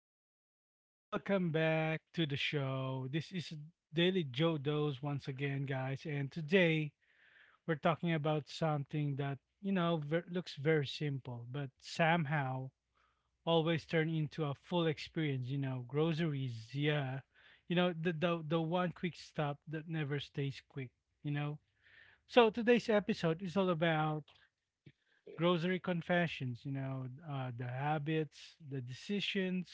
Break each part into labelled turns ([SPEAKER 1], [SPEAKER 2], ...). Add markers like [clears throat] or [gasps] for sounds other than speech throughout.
[SPEAKER 1] everybody? Welcome back to the show. This is Daily Joe Doze once again, guys. And today we're talking about something that, you know, looks very simple, but somehow always turn into a full experience, you know, groceries, yeah. You know, the one quick stop that never stays quick, you know. So today's episode is all about grocery confessions, you know, the habits, the decisions,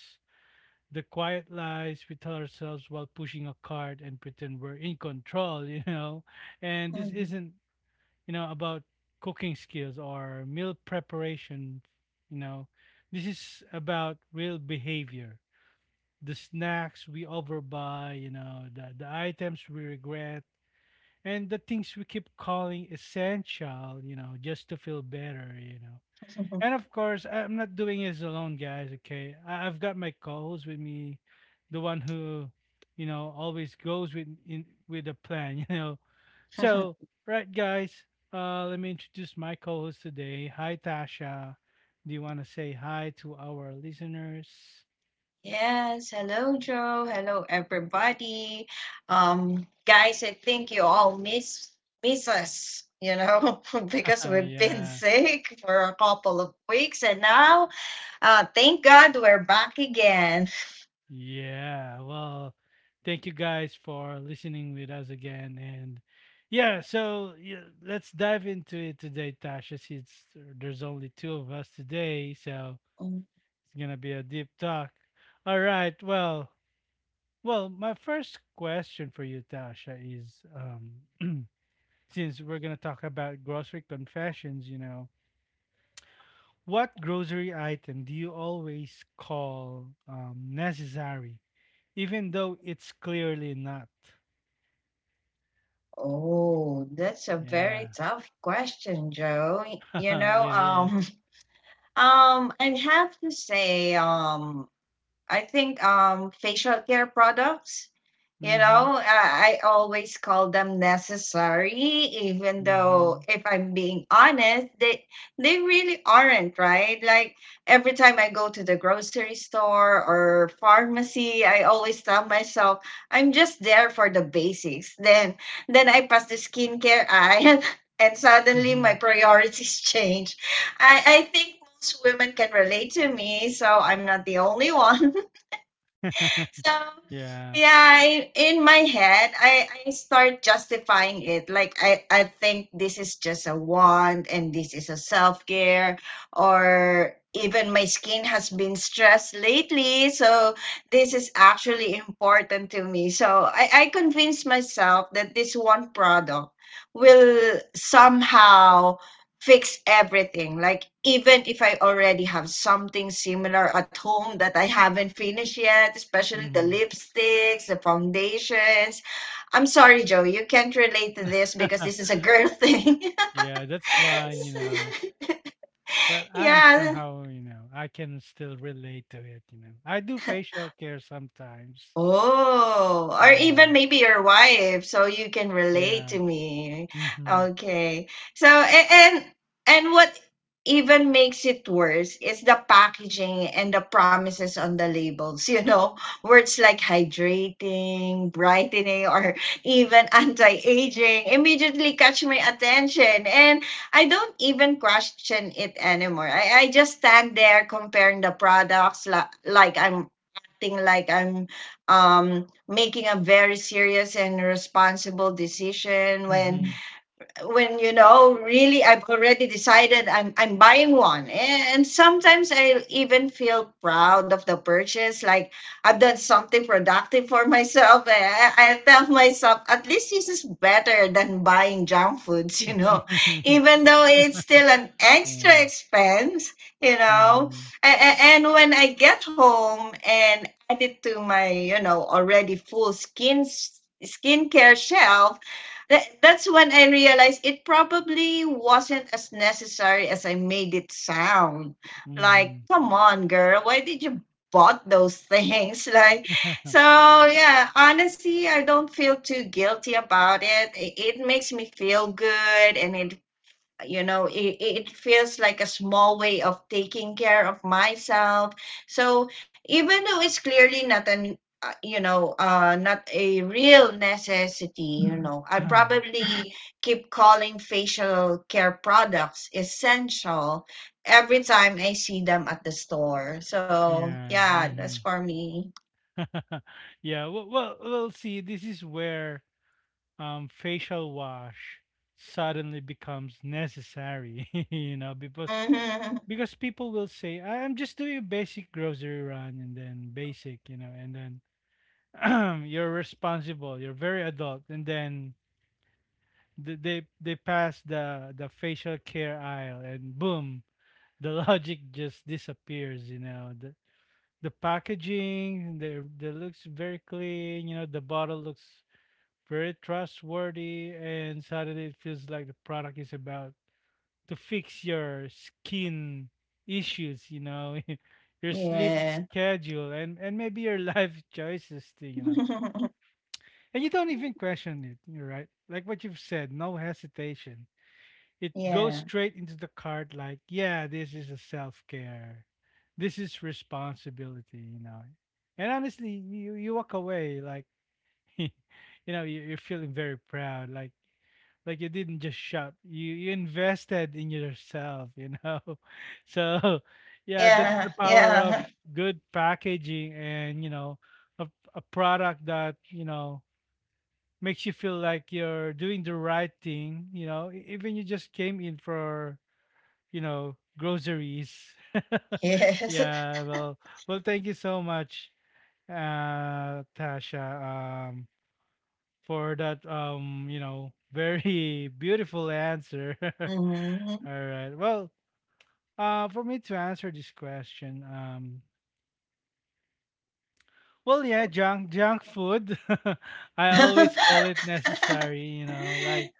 [SPEAKER 1] the quiet lies we tell ourselves while pushing a cart and pretend we're in control, [laughs] you know. And this isn't,
[SPEAKER 2] [laughs]
[SPEAKER 1] you know, about cooking skills or meal preparation, you know. This is about real behavior. The snacks we overbuy, you know, the items we regret, and the things we keep calling essential, you know, just to feel better, you know. And of course, I'm not doing this alone, guys. Okay, I've got my co-host with me, the one who, you know, always goes with in with a plan. [laughs] You know, so right, guys. Let me introduce my co-host today. Hi, Tasha. Do you want to say hi to our listeners?
[SPEAKER 2] Yes, hello Joe, hello everybody. Guys, I think you all miss us, you know, [laughs] because
[SPEAKER 1] [laughs]
[SPEAKER 2] we've been
[SPEAKER 1] Yeah.
[SPEAKER 2] sick for a couple of weeks, and now, thank God we're back again.
[SPEAKER 1] Yeah, well, thank you guys for listening with us again. And yeah, so yeah, let's dive into it today, Tasha, since there's only two of us today. So
[SPEAKER 2] Mm.
[SPEAKER 1] it's going to be a deep talk. All right. Well, my first question for you, Tasha, is [clears throat] since we're going to talk about grocery confessions, you know, what grocery item do you always call necessary? Even though it's clearly not.
[SPEAKER 2] Oh, that's a
[SPEAKER 1] Yeah,
[SPEAKER 2] very tough question, Joe. Y-
[SPEAKER 1] [laughs]
[SPEAKER 2] You know,
[SPEAKER 1] it is.
[SPEAKER 2] [laughs] I have to say, I think facial care products. You know,
[SPEAKER 1] Mm-hmm.
[SPEAKER 2] I always call them necessary, even
[SPEAKER 1] Mm-hmm.
[SPEAKER 2] though if I'm being honest, they really aren't, right? Like every time I go to the grocery store or pharmacy, I always tell myself, I'm just there for the basics. Then I pass the skincare aisle [laughs] and suddenly
[SPEAKER 1] Mm-hmm.
[SPEAKER 2] my priorities [laughs] change. I think most women can relate to me, so I'm not the only [laughs] one
[SPEAKER 1] [laughs]
[SPEAKER 2] so
[SPEAKER 1] Yeah.
[SPEAKER 2] yeah in my head I start justifying it like I think this is just a want and this is a self-care, or even my skin has been stressed lately, so this is actually important to me. So I convinced myself that this one product will somehow fix everything. Like, even if I already have something similar at home that I haven't finished yet, especially the
[SPEAKER 1] Mm-hmm.
[SPEAKER 2] lipsticks, the foundations. I'm sorry, Joe, you can't relate to this because
[SPEAKER 1] [laughs]
[SPEAKER 2] this is a girl [laughs] thing.
[SPEAKER 1] Yeah, that's fine, you know.
[SPEAKER 2] [laughs]
[SPEAKER 1] But I am
[SPEAKER 2] Yeah.
[SPEAKER 1] somehow, you know, I can still relate to it, you know. I do facial care sometimes.
[SPEAKER 2] Oh, or even
[SPEAKER 1] Yeah.
[SPEAKER 2] maybe your wife, so you can relate
[SPEAKER 1] Yeah.
[SPEAKER 2] to me.
[SPEAKER 1] Mm-hmm.
[SPEAKER 2] Okay. So a- and and what even makes it worse is the packaging and the promises on the labels, you know, [laughs] words like hydrating, brightening, or even anti-aging immediately catch my attention. And I don't even question it anymore. I just stand there comparing the products like I'm acting like I'm making a very serious and responsible decision when
[SPEAKER 1] Mm-hmm.
[SPEAKER 2] when you know really I've already decided I'm buying one. And sometimes I even feel proud of the purchase, like I've done something productive for myself. I tell myself at least this is better than buying junk foods, you know, [laughs]
[SPEAKER 1] [laughs]
[SPEAKER 2] even though it's still an extra
[SPEAKER 1] Yeah.
[SPEAKER 2] expense, you know.
[SPEAKER 1] Mm-hmm.
[SPEAKER 2] And when I get home and add it to my, you know, already full skincare shelf, that's when I realized it probably wasn't as necessary as I made it sound. Like,
[SPEAKER 1] Mm-hmm.
[SPEAKER 2] come on, girl, why did you bought those things? [laughs] Like, so
[SPEAKER 1] [laughs]
[SPEAKER 2] yeah, honestly, I don't feel too guilty about it. It makes me feel good, and it you know, it feels like a small way of taking care of myself. So even though it's clearly not an you know, not a real necessity, you know, I
[SPEAKER 1] [clears throat]
[SPEAKER 2] probably keep calling facial care products essential every time I see them at the store. So
[SPEAKER 1] Yeah.
[SPEAKER 2] yeah, that's
[SPEAKER 1] Mm-hmm.
[SPEAKER 2] for me.
[SPEAKER 1] [laughs] Yeah, well, see, this is where facial wash suddenly becomes necessary, [laughs] you know, because
[SPEAKER 2] Hmm.
[SPEAKER 1] people will say, I'm just doing a basic grocery run," and then basic, you know, and then [clears throat] you're responsible, you're very adult, and then they pass the facial care aisle, and boom, the [laughs] logic just disappears, you know. The packaging, the looks very clean, you know, the bottle looks very trustworthy, and suddenly it feels like the product is about to fix your skin issues, you know, [laughs] your sleep
[SPEAKER 2] Yeah.
[SPEAKER 1] schedule, and, maybe your [laughs] life choices too, you know.
[SPEAKER 2] [laughs]
[SPEAKER 1] And you don't even question it, you're right. Like what you've said, no hesitation. It goes
[SPEAKER 2] Yeah.
[SPEAKER 1] straight into the cart, like, yeah, this is a self care. This is responsibility, you know. And honestly, you walk away like, [laughs] you know, you're feeling very proud. Like you didn't just shop, you invested in yourself, you know. [laughs] So yeah, that's the
[SPEAKER 2] Yeah.
[SPEAKER 1] power of
[SPEAKER 2] Yeah.
[SPEAKER 1] good packaging, and you know, a, a product that, you know, makes you feel like you're doing the right thing, you know, even you just came in for, you know, groceries.
[SPEAKER 2] [laughs]
[SPEAKER 1] [laughs]
[SPEAKER 2] Yes.
[SPEAKER 1] Yeah, well, well, thank you so much, Tasha, um for that, you know, very [laughs] beautiful answer.
[SPEAKER 2] [laughs]
[SPEAKER 1] [laughs]
[SPEAKER 2] Hmm.
[SPEAKER 1] All right. Well, for me to answer this question, well, yeah, junk food. [laughs] I always call
[SPEAKER 2] [laughs]
[SPEAKER 1] it necessary. You know,
[SPEAKER 2] Mm.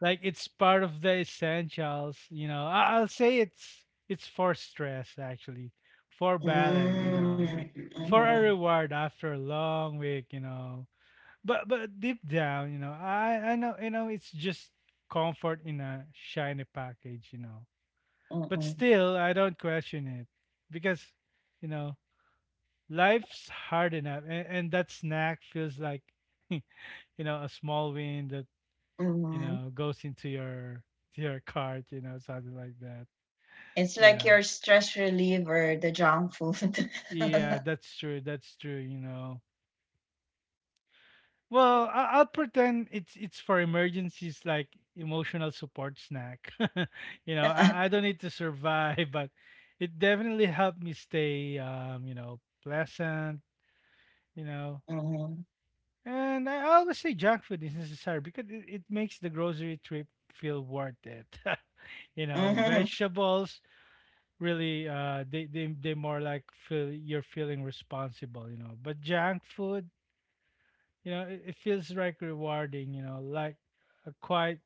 [SPEAKER 1] like it's part of the essentials. You know, I'll say it's for stress actually, for balance. You know,
[SPEAKER 2] Mm.
[SPEAKER 1] for a reward after a long week. You know, but deep down, you know, I know, you know, it's just comfort in a shiny package. You know, but
[SPEAKER 2] Mm.
[SPEAKER 1] still, I don't question it because, you know, life's hard enough. And, that snack feels like, [laughs] you know, a small win that, you
[SPEAKER 2] Mm.
[SPEAKER 1] know, goes into your to your cart, you know, something like that.
[SPEAKER 2] It's like
[SPEAKER 1] Yeah.
[SPEAKER 2] your stress reliever, the junk food.
[SPEAKER 1] Yeah,
[SPEAKER 2] [laughs]
[SPEAKER 1] that's true. That's true, you know. Well, I'll pretend it's for emergencies like emotional support snack. [laughs] You know, I don't need to survive, [laughs] but it definitely helped me stay you know, pleasant, you know.
[SPEAKER 2] Mhm.
[SPEAKER 1] And I always say junk food is necessary because it makes the grocery trip feel worth it. [laughs] You know,
[SPEAKER 2] Mhm.
[SPEAKER 1] vegetables really they they more like feel you're feeling responsible, you know. But junk food, you know, it feels like rewarding, you know, like a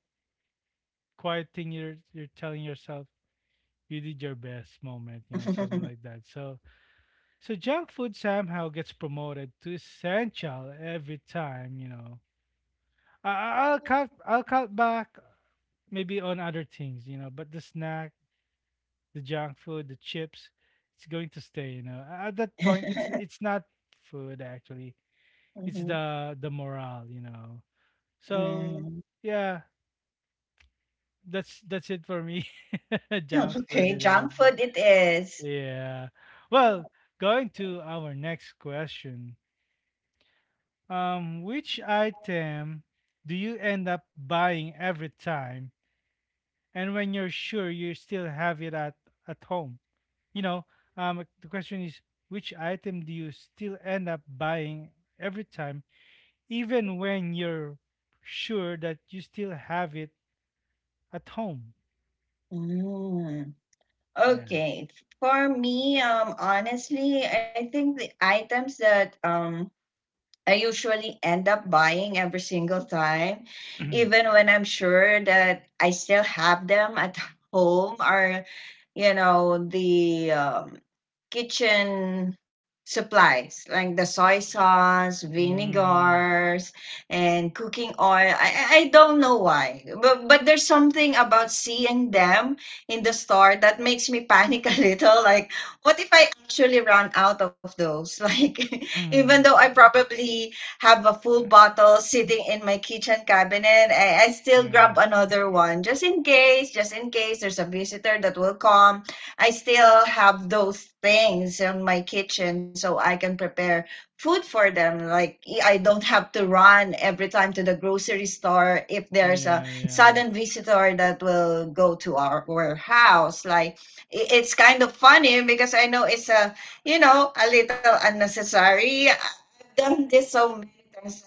[SPEAKER 1] quiet thing you're telling yourself you did your best moment, you know, something like
[SPEAKER 2] [laughs]
[SPEAKER 1] that. So so junk food somehow gets promoted to essential every time, you know. I'll cut. I'll cut back maybe on other things, you know, but the snack, the junk food, the chips, it's going to stay, you know. At that point, it's not food actually. It's
[SPEAKER 2] Mhm.
[SPEAKER 1] the morale, you know. So,
[SPEAKER 2] Mm.
[SPEAKER 1] yeah, that's it for me. [laughs] Junk food
[SPEAKER 2] Okay,
[SPEAKER 1] it is.
[SPEAKER 2] junk food it is.
[SPEAKER 1] Yeah. Well, going to our next question. Which item do you end up buying every time and when you're sure you still have it at home? You know, the question is, which item do you still end up buying every time, even when you're sure that you still have it at home?
[SPEAKER 2] Mm.
[SPEAKER 1] Yeah.
[SPEAKER 2] Okay, for me, honestly, I think the items that I usually end up buying every single time, even when I'm sure that I still have them at [laughs] home, or, you know, the kitchen supplies like the soy sauce,
[SPEAKER 1] Mm-hmm.
[SPEAKER 2] vinegars, and cooking oil. I don't know why, but there's something about seeing them in the store that makes me panic [laughs] a little. Like, what if I actually run out of those? [laughs] Like, even
[SPEAKER 1] Mm-hmm.
[SPEAKER 2] though I probably have a full bottle sitting in my kitchen cabinet, I still grab
[SPEAKER 1] Yeah.
[SPEAKER 2] another one just in case there's a visitor that will come. I still have those things in my kitchen so I can prepare food for them. Like I don't have to run every time to the grocery store if there's a
[SPEAKER 1] Yeah.
[SPEAKER 2] sudden visitor that will go to our house. Like it's kind of funny because I know it's a, you know, a little unnecessary. I've done this so many times.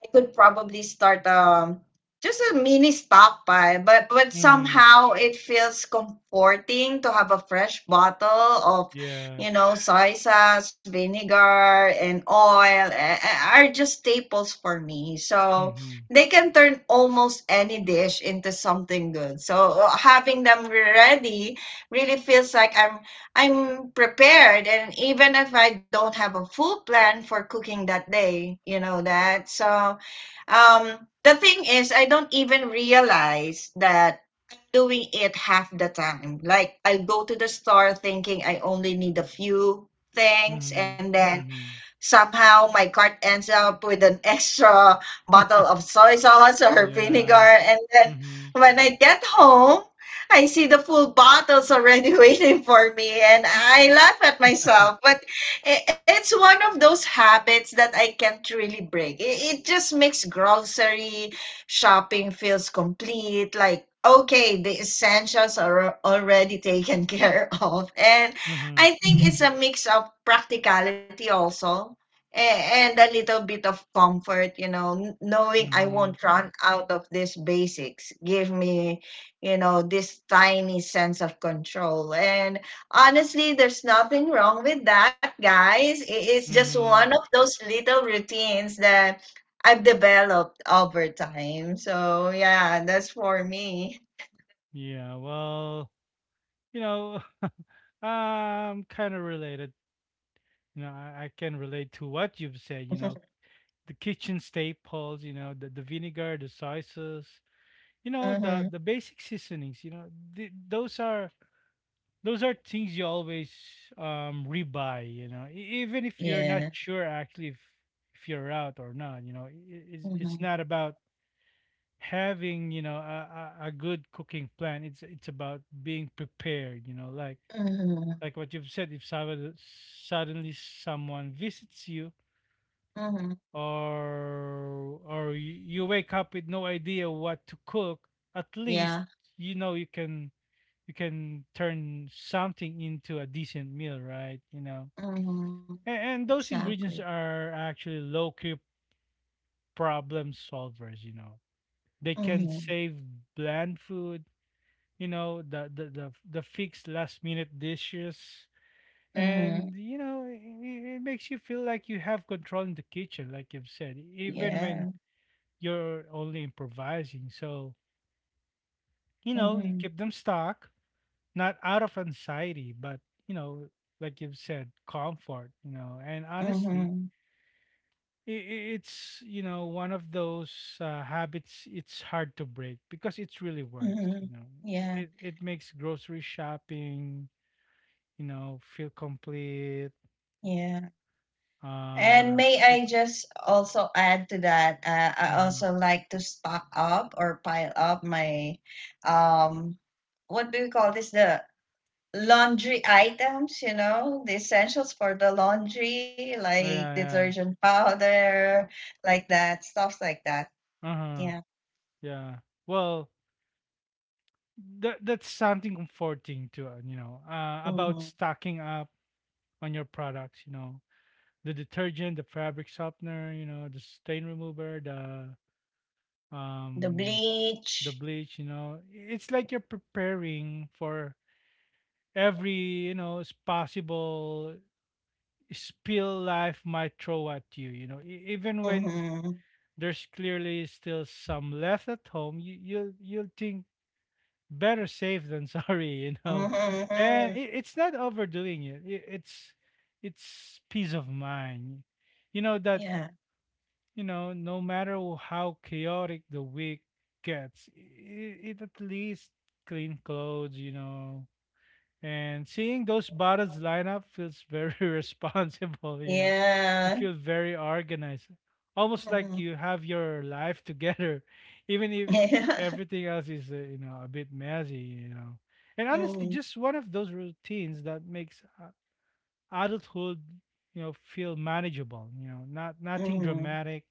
[SPEAKER 2] I could probably start just a mini stockpile, but
[SPEAKER 1] Yeah. Mm-hmm.
[SPEAKER 2] somehow it feels comforting to have a fresh bottle of,
[SPEAKER 1] Yeah.
[SPEAKER 2] you know, soy sauce, vinegar, and oil. Are just staples for me. So
[SPEAKER 1] Mm-hmm.
[SPEAKER 2] they can turn almost any dish into something good. So having them ready really feels like I'm prepared, and even if I don't have a full plan for cooking that day, you know that. So the thing is, I don't even realize that doing it half the time. Like I go to the store thinking I only need a few things, and
[SPEAKER 1] Mm-hmm.
[SPEAKER 2] then
[SPEAKER 1] Mm-hmm.
[SPEAKER 2] somehow my cart ends up with an [laughs] extra bottle of soy sauce or vinegar.
[SPEAKER 1] Yeah.
[SPEAKER 2] And then
[SPEAKER 1] Mm-hmm.
[SPEAKER 2] when I get home, I see the full bottles already [laughs] waiting for me and I laugh at
[SPEAKER 1] [laughs]
[SPEAKER 2] myself. But it's one of those habits that I can't really break. It just makes grocery shopping feels complete, like okay, the essentials are already taken [laughs] care of. And
[SPEAKER 1] Mm-hmm.
[SPEAKER 2] I think Mhm. it's a mix of practicality also a- and a little bit of comfort, you know, knowing I
[SPEAKER 1] Mm-hmm.
[SPEAKER 2] won't run out of these basics give me, you know, this tiny sense of control. And honestly, there's nothing wrong with that, guys. It's just
[SPEAKER 1] Mm-hmm.
[SPEAKER 2] one of those little routines that I've developed over time. So, yeah, that's for me.
[SPEAKER 1] Yeah. Well, you know, [laughs] kind of related, you know, I can relate to what you've said, you know,
[SPEAKER 2] [laughs]
[SPEAKER 1] the kitchen staples, you know, the vinegar, the soy sauce, you know,
[SPEAKER 2] Mm-hmm.
[SPEAKER 1] the basic seasonings, you know, th- those are those are things you always rebuy, you know, even if you're not
[SPEAKER 2] Yeah.
[SPEAKER 1] sure actually if you're out or not, you know, it's
[SPEAKER 2] Mm-hmm.
[SPEAKER 1] not about having, you know, a good cooking plan. It's about being prepared, you know,
[SPEAKER 2] Mm-hmm.
[SPEAKER 1] like what you've said, if suddenly someone visits you,
[SPEAKER 2] Mm-hmm.
[SPEAKER 1] or you wake up with no idea what to cook, at least
[SPEAKER 2] Yeah.
[SPEAKER 1] you know you can turn something into a decent meal, right, you know?
[SPEAKER 2] Mhm.
[SPEAKER 1] And, those ingredients
[SPEAKER 2] Exactly.
[SPEAKER 1] are actually low key problem solvers, you know. They can
[SPEAKER 2] Mhm.
[SPEAKER 1] save bland food, you know, the fixed last minute dishes, and
[SPEAKER 2] Mhm.
[SPEAKER 1] you know, it makes you feel like you have control in the kitchen, like you've said, even when
[SPEAKER 2] Yeah.
[SPEAKER 1] you're only improvising. So, you know, you keep
[SPEAKER 2] Mhm.
[SPEAKER 1] them stock, not out of anxiety, but, you know, like you've said, comfort, you know. And honestly,
[SPEAKER 2] Mhm.
[SPEAKER 1] it's, you know, one of those habits it's hard to break because it really works, you know.
[SPEAKER 2] Mhm. Yeah.
[SPEAKER 1] It makes grocery shopping, you know, feel complete.
[SPEAKER 2] Yeah.
[SPEAKER 1] What
[SPEAKER 2] And
[SPEAKER 1] else?
[SPEAKER 2] may
[SPEAKER 1] It,
[SPEAKER 2] I just also add to that? I
[SPEAKER 1] mhm.
[SPEAKER 2] also like to stock up or pile up my, um, what do we call this? The laundry items. You know, the essentials for the laundry,
[SPEAKER 1] Yeah,
[SPEAKER 2] like
[SPEAKER 1] yeah.
[SPEAKER 2] detergent powder, like that, stuff like that.
[SPEAKER 1] Uh-huh.
[SPEAKER 2] Yeah.
[SPEAKER 1] Yeah. Well, that that's something comforting to, you know, about
[SPEAKER 2] Mhm.
[SPEAKER 1] stocking up on your products, you know, the detergent, the fabric softener, you know, the stain remover,
[SPEAKER 2] The
[SPEAKER 1] um the
[SPEAKER 2] bleach.
[SPEAKER 1] bleach, you know. It's like you're preparing for every, you know, possible spill life might throw at you, you know. E- even when
[SPEAKER 2] Mhm.
[SPEAKER 1] there's clearly still some left at home, you'll think better safe than [laughs] sorry, you know.
[SPEAKER 2] Mhm,
[SPEAKER 1] And
[SPEAKER 2] mhm.
[SPEAKER 1] it's not overdoing it. It's peace of mind. You know that,
[SPEAKER 2] Yeah.
[SPEAKER 1] you know, no matter how chaotic the week gets, it at least clean clothes. You know, and seeing those bottles line up feels very [laughs] responsible, you know.
[SPEAKER 2] Yeah.
[SPEAKER 1] It feels very organized. Almost like
[SPEAKER 2] Mhm. [laughs]
[SPEAKER 1] you have your life [laughs] together, even if
[SPEAKER 2] Yeah.
[SPEAKER 1] everything else is, you know, a bit messy, you know. And honestly,
[SPEAKER 2] Mhm.
[SPEAKER 1] just one of those routines that makes, adulthood, you know, feel manageable, you know, nothing
[SPEAKER 2] Mhm.
[SPEAKER 1] dramatic,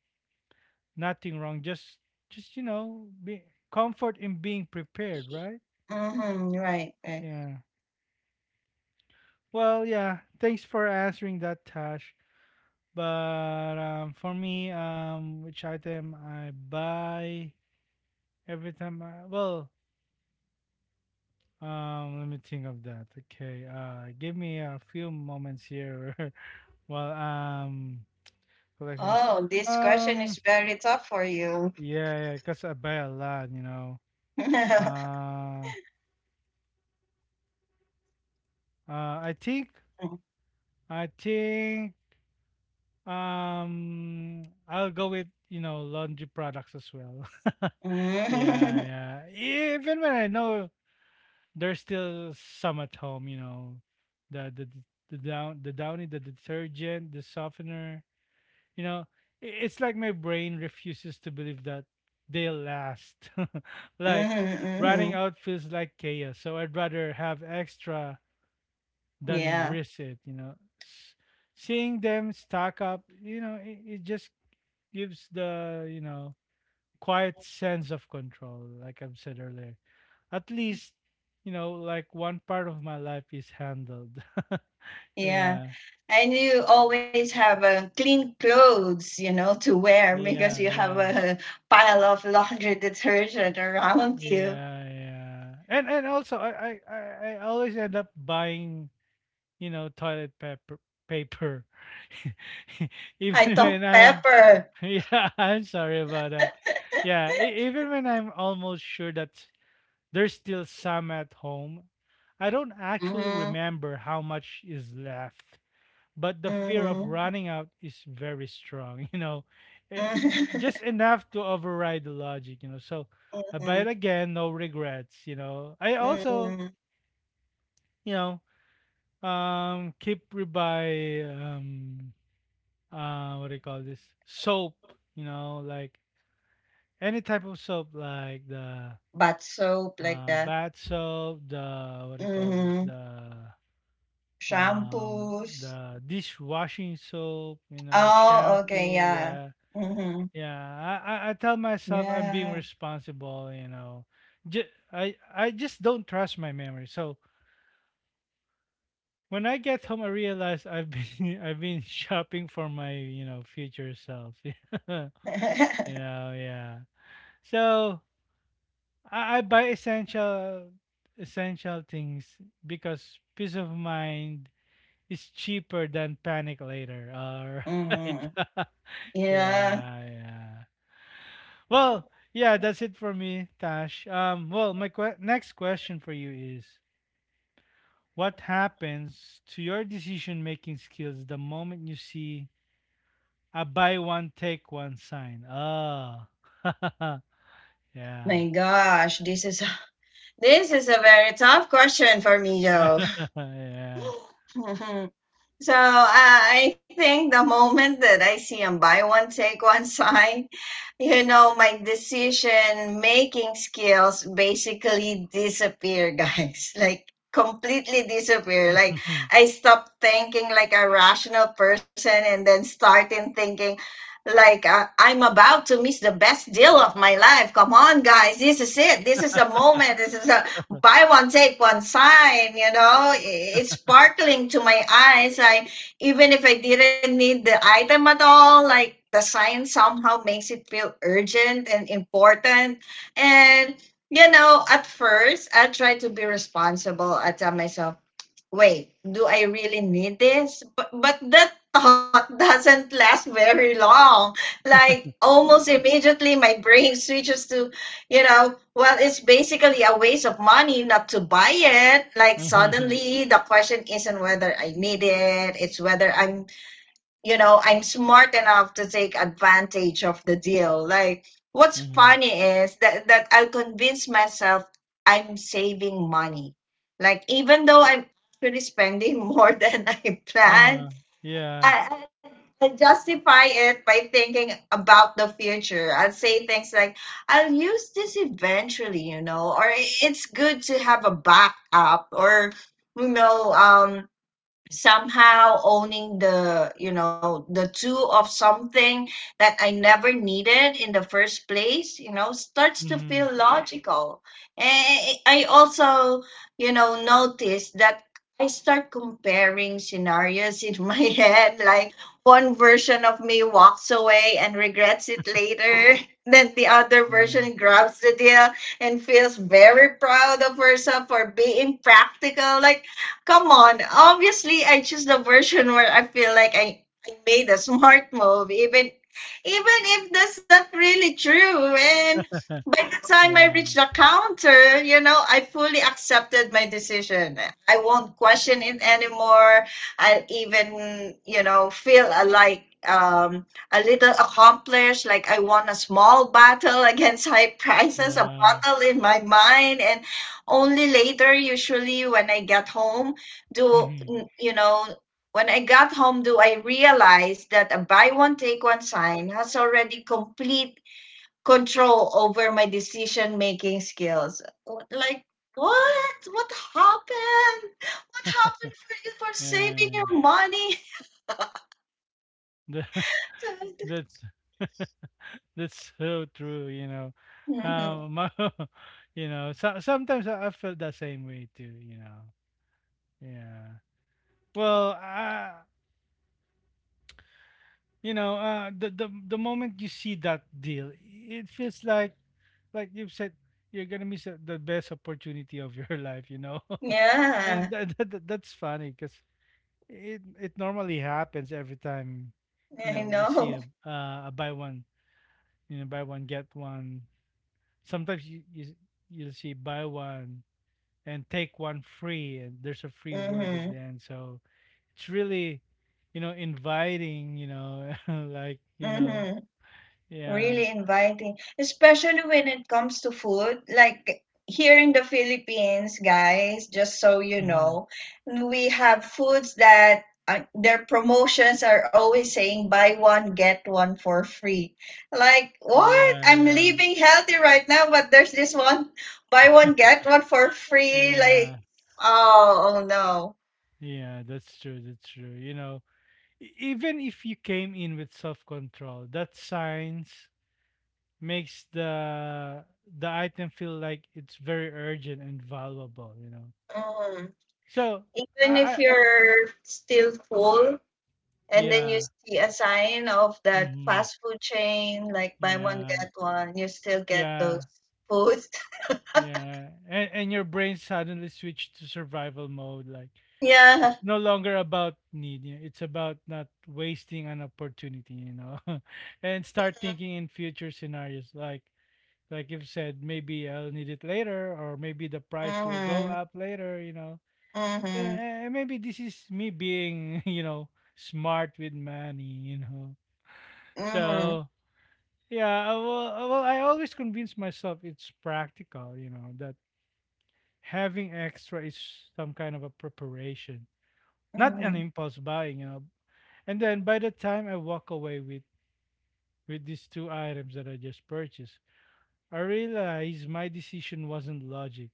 [SPEAKER 1] nothing wrong, just you know, be comfort in being prepared, right?
[SPEAKER 2] Mhm. [laughs] Right. Right.
[SPEAKER 1] Yeah. Well, yeah. Thanks for answering that, Tash. But for me, which item I buy every time I well, let me think of that. Okay, give me a few moments here [laughs] while collecting.
[SPEAKER 2] Oh, this question is
[SPEAKER 1] Um,
[SPEAKER 2] very tough for you.
[SPEAKER 1] yeah, yeah, because I buy a lot, you know.
[SPEAKER 2] [laughs]
[SPEAKER 1] Uh, uh, I think,
[SPEAKER 2] Mhm.
[SPEAKER 1] I think, I'll go with, you know, laundry products as well. [laughs]
[SPEAKER 2] Mhm,
[SPEAKER 1] Yeah, yeah. Even when I know there's still some at home, you know, the the the downy, the detergent, the softener. You know, it's like my brain refuses to believe that they'll last. [laughs] Like, running
[SPEAKER 2] mhm.
[SPEAKER 1] out feels like chaos, so I'd rather have extra
[SPEAKER 2] [laughs]
[SPEAKER 1] than
[SPEAKER 2] Yeah.
[SPEAKER 1] risk it. You know, S- seeing them stack up, you know, it just gives the quiet sense of control, like I've said earlier, at least, you know, like one part of my life is handled. [laughs]
[SPEAKER 2] Yeah.
[SPEAKER 1] yeah
[SPEAKER 2] And you always have clean clothes, you know, to wear because
[SPEAKER 1] yeah
[SPEAKER 2] you have
[SPEAKER 1] yeah
[SPEAKER 2] a pile of laundry detergent around you.
[SPEAKER 1] yeah yeah. And also I i always end up buying, you know, toilet paper. [laughs]
[SPEAKER 2] I
[SPEAKER 1] Even
[SPEAKER 2] thought
[SPEAKER 1] when I'm
[SPEAKER 2] pepper.
[SPEAKER 1] [laughs] yeah, I'm sorry about that. Yeah, even when I'm almost sure that there's still some at home, I don't actually
[SPEAKER 2] Mm-hmm.
[SPEAKER 1] remember how much is left, but the fear of
[SPEAKER 2] Mm-hmm.
[SPEAKER 1] running out is very strong. [laughs] You know, Eh,
[SPEAKER 2] Mhm.
[SPEAKER 1] just
[SPEAKER 2] [laughs]
[SPEAKER 1] enough to override the logic, you know. So I buy it
[SPEAKER 2] Mhm.
[SPEAKER 1] again, no regrets, you know. I also,
[SPEAKER 2] Mhm.
[SPEAKER 1] you know keep rebuy, what do you call this, soap, you know, like any type of soap, like the
[SPEAKER 2] Bath soap
[SPEAKER 1] uh
[SPEAKER 2] like that.
[SPEAKER 1] bath soap, the what do you call this,
[SPEAKER 2] Mhm.
[SPEAKER 1] um
[SPEAKER 2] Shampoos.
[SPEAKER 1] the dishwashing soap, you know,
[SPEAKER 2] Oh, okay,
[SPEAKER 1] shampoo,
[SPEAKER 2] yeah.
[SPEAKER 1] yeah.
[SPEAKER 2] Mhm.
[SPEAKER 1] Yeah, I tell myself I'm being
[SPEAKER 2] Yeah.
[SPEAKER 1] responsible, you know. Ju- I just don't trust my memory. So when I get home, I realize I've been [laughs] I've been shopping for my, you know, future self. [laughs] You know,
[SPEAKER 2] [laughs]
[SPEAKER 1] yeah. So I buy essential things because peace of mind is cheaper than panic later. All right.
[SPEAKER 2] Mhm.
[SPEAKER 1] [laughs]
[SPEAKER 2] Yeah.
[SPEAKER 1] Yeah, yeah. Well, yeah, that's it for me, Tash. Well, my next question for you is, what happens to your decision making skills the moment you see a buy one, take one sign? Oh, [laughs] yeah.
[SPEAKER 2] My gosh, this is [laughs] this is a very tough question for me though.
[SPEAKER 1] [laughs] Yeah.
[SPEAKER 2] [laughs] So I think the moment that I see a buy one, take one [laughs] sign, you know, my decision making skills basically disappear, guys. [laughs] Like completely disappear. Like
[SPEAKER 1] [laughs]
[SPEAKER 2] I stop thinking like a rational person and then starting thinking like I'm about to miss the best deal of my life. Come on, guys. This is it. This is the moment. This is the buy one take one sign. You know, it's sparkling to my eyes. I even if I didn't need the item at all, like the sign somehow makes it feel urgent and important. And you know, at first I try to be responsible. I tell myself, wait, do I really need this? But that thought [laughs] doesn't last very long. Like almost immediately my brain switches to, you know, well, it's basically a waste of money not to buy it. Like
[SPEAKER 1] Uh-huh.
[SPEAKER 2] suddenly the question isn't whether I need it, it's whether I'm you know, I'm smart enough to take advantage of the deal. Like, what's
[SPEAKER 1] Uh-huh.
[SPEAKER 2] funny is that I'll convince myself I'm saving money. Like, even though I'm actually spending more [laughs] than I planned,
[SPEAKER 1] Uh-huh. Yeah.
[SPEAKER 2] I, I justify it by thinking about the future. I'll say things like, I'll use this eventually, you know, or it's good to have a backup, or, you know, somehow owning the you know the two of something that I never needed in the first place, you know, starts to
[SPEAKER 1] Mm-hmm.
[SPEAKER 2] feel logical. And I also, you know, notice that I start comparing scenarios in my [laughs] head, like one version of me walks away and regrets it later, [laughs] then the other
[SPEAKER 1] Yeah.
[SPEAKER 2] version grabs the deal and feels very proud of herself for being practical. Like come on. Obviously, I choose the version where I feel like I made a smart move, even if that's not really true. And
[SPEAKER 1] [laughs]
[SPEAKER 2] by the time I
[SPEAKER 1] Yeah.
[SPEAKER 2] reached the counter, you know, I fully accepted my decision. I won't question it anymore. I'll even, you know, feel like a little accomplished, like I won a small battle [laughs] against high prices, a
[SPEAKER 1] Yeah.
[SPEAKER 2] battle in my mind, and only later, usually when I get home, do
[SPEAKER 1] Mm-hmm.
[SPEAKER 2] you know when I got home do I realize that a buy one take one sign has already complete control over my decision making skills. Like what happened, what happened for you for saving
[SPEAKER 1] Yeah.
[SPEAKER 2] your money? [laughs]
[SPEAKER 1] [laughs] That's [laughs] that's so true, you know.
[SPEAKER 2] Mhm.
[SPEAKER 1] My, [laughs] you know, so, sometimes I felt that same way too, you know. Yeah. Well, you know, the, the moment you see that deal, it feels like you've said, you're gonna miss the best opportunity of your [laughs] life, you know. [laughs] And
[SPEAKER 2] Yeah.
[SPEAKER 1] that, that's funny because it normally happens every time, you
[SPEAKER 2] I
[SPEAKER 1] know, we see
[SPEAKER 2] know.
[SPEAKER 1] a buy one, you know, buy one get one. Sometimes you'll see buy one and take one free, and there's a free word at
[SPEAKER 2] Hmm.
[SPEAKER 1] the end, so it's really, you know, inviting, you know. [laughs] Like, you know,
[SPEAKER 2] Hmm.
[SPEAKER 1] yeah.
[SPEAKER 2] Really inviting, especially when it comes to food. Like here in the Philippines, guys, just so you
[SPEAKER 1] Hmm.
[SPEAKER 2] know, we have foods that their promotions are always saying buy one, get one for free. Like, what?
[SPEAKER 1] yeah,
[SPEAKER 2] I'm
[SPEAKER 1] yeah,
[SPEAKER 2] living healthy right now, but there's this one buy one, get one for free.
[SPEAKER 1] yeah,
[SPEAKER 2] Like, oh, oh no.
[SPEAKER 1] yeah, that's true, that's true, you know. Even if you came in with self-control, that signs makes the item feel like it's very urgent and valuable, you know.
[SPEAKER 2] Mm.
[SPEAKER 1] So i,
[SPEAKER 2] Even
[SPEAKER 1] I
[SPEAKER 2] if
[SPEAKER 1] I-
[SPEAKER 2] you're still full, and then you
[SPEAKER 1] yeah.
[SPEAKER 2] see a sign of that
[SPEAKER 1] Mhm.
[SPEAKER 2] fast food chain, like buy one,
[SPEAKER 1] Yeah,
[SPEAKER 2] get one, you still get those
[SPEAKER 1] yeah,
[SPEAKER 2] foods. [laughs]
[SPEAKER 1] yeah. And your brain suddenly switched to survival mode. Like,
[SPEAKER 2] Yeah.
[SPEAKER 1] no longer about need. Yeah, it's about not wasting an opportunity, you know. [laughs] And start thinking in future scenarios. Like you've said, maybe I'll need it later, or maybe the price will go
[SPEAKER 2] Mm-hmm.
[SPEAKER 1] up later, you know.
[SPEAKER 2] Mm-hmm.
[SPEAKER 1] Yeah, and maybe this is me being, [laughs] you know, smart with money, you know.
[SPEAKER 2] Mm-hmm.
[SPEAKER 1] So yeah, well, I always convince myself it's practical, you know, that having extra is some kind of a preparation, not an
[SPEAKER 2] Mm-hmm.
[SPEAKER 1] impulse buying, you know. And then by the time I walk away with these two items that I just purchased, I realize my decision wasn't logic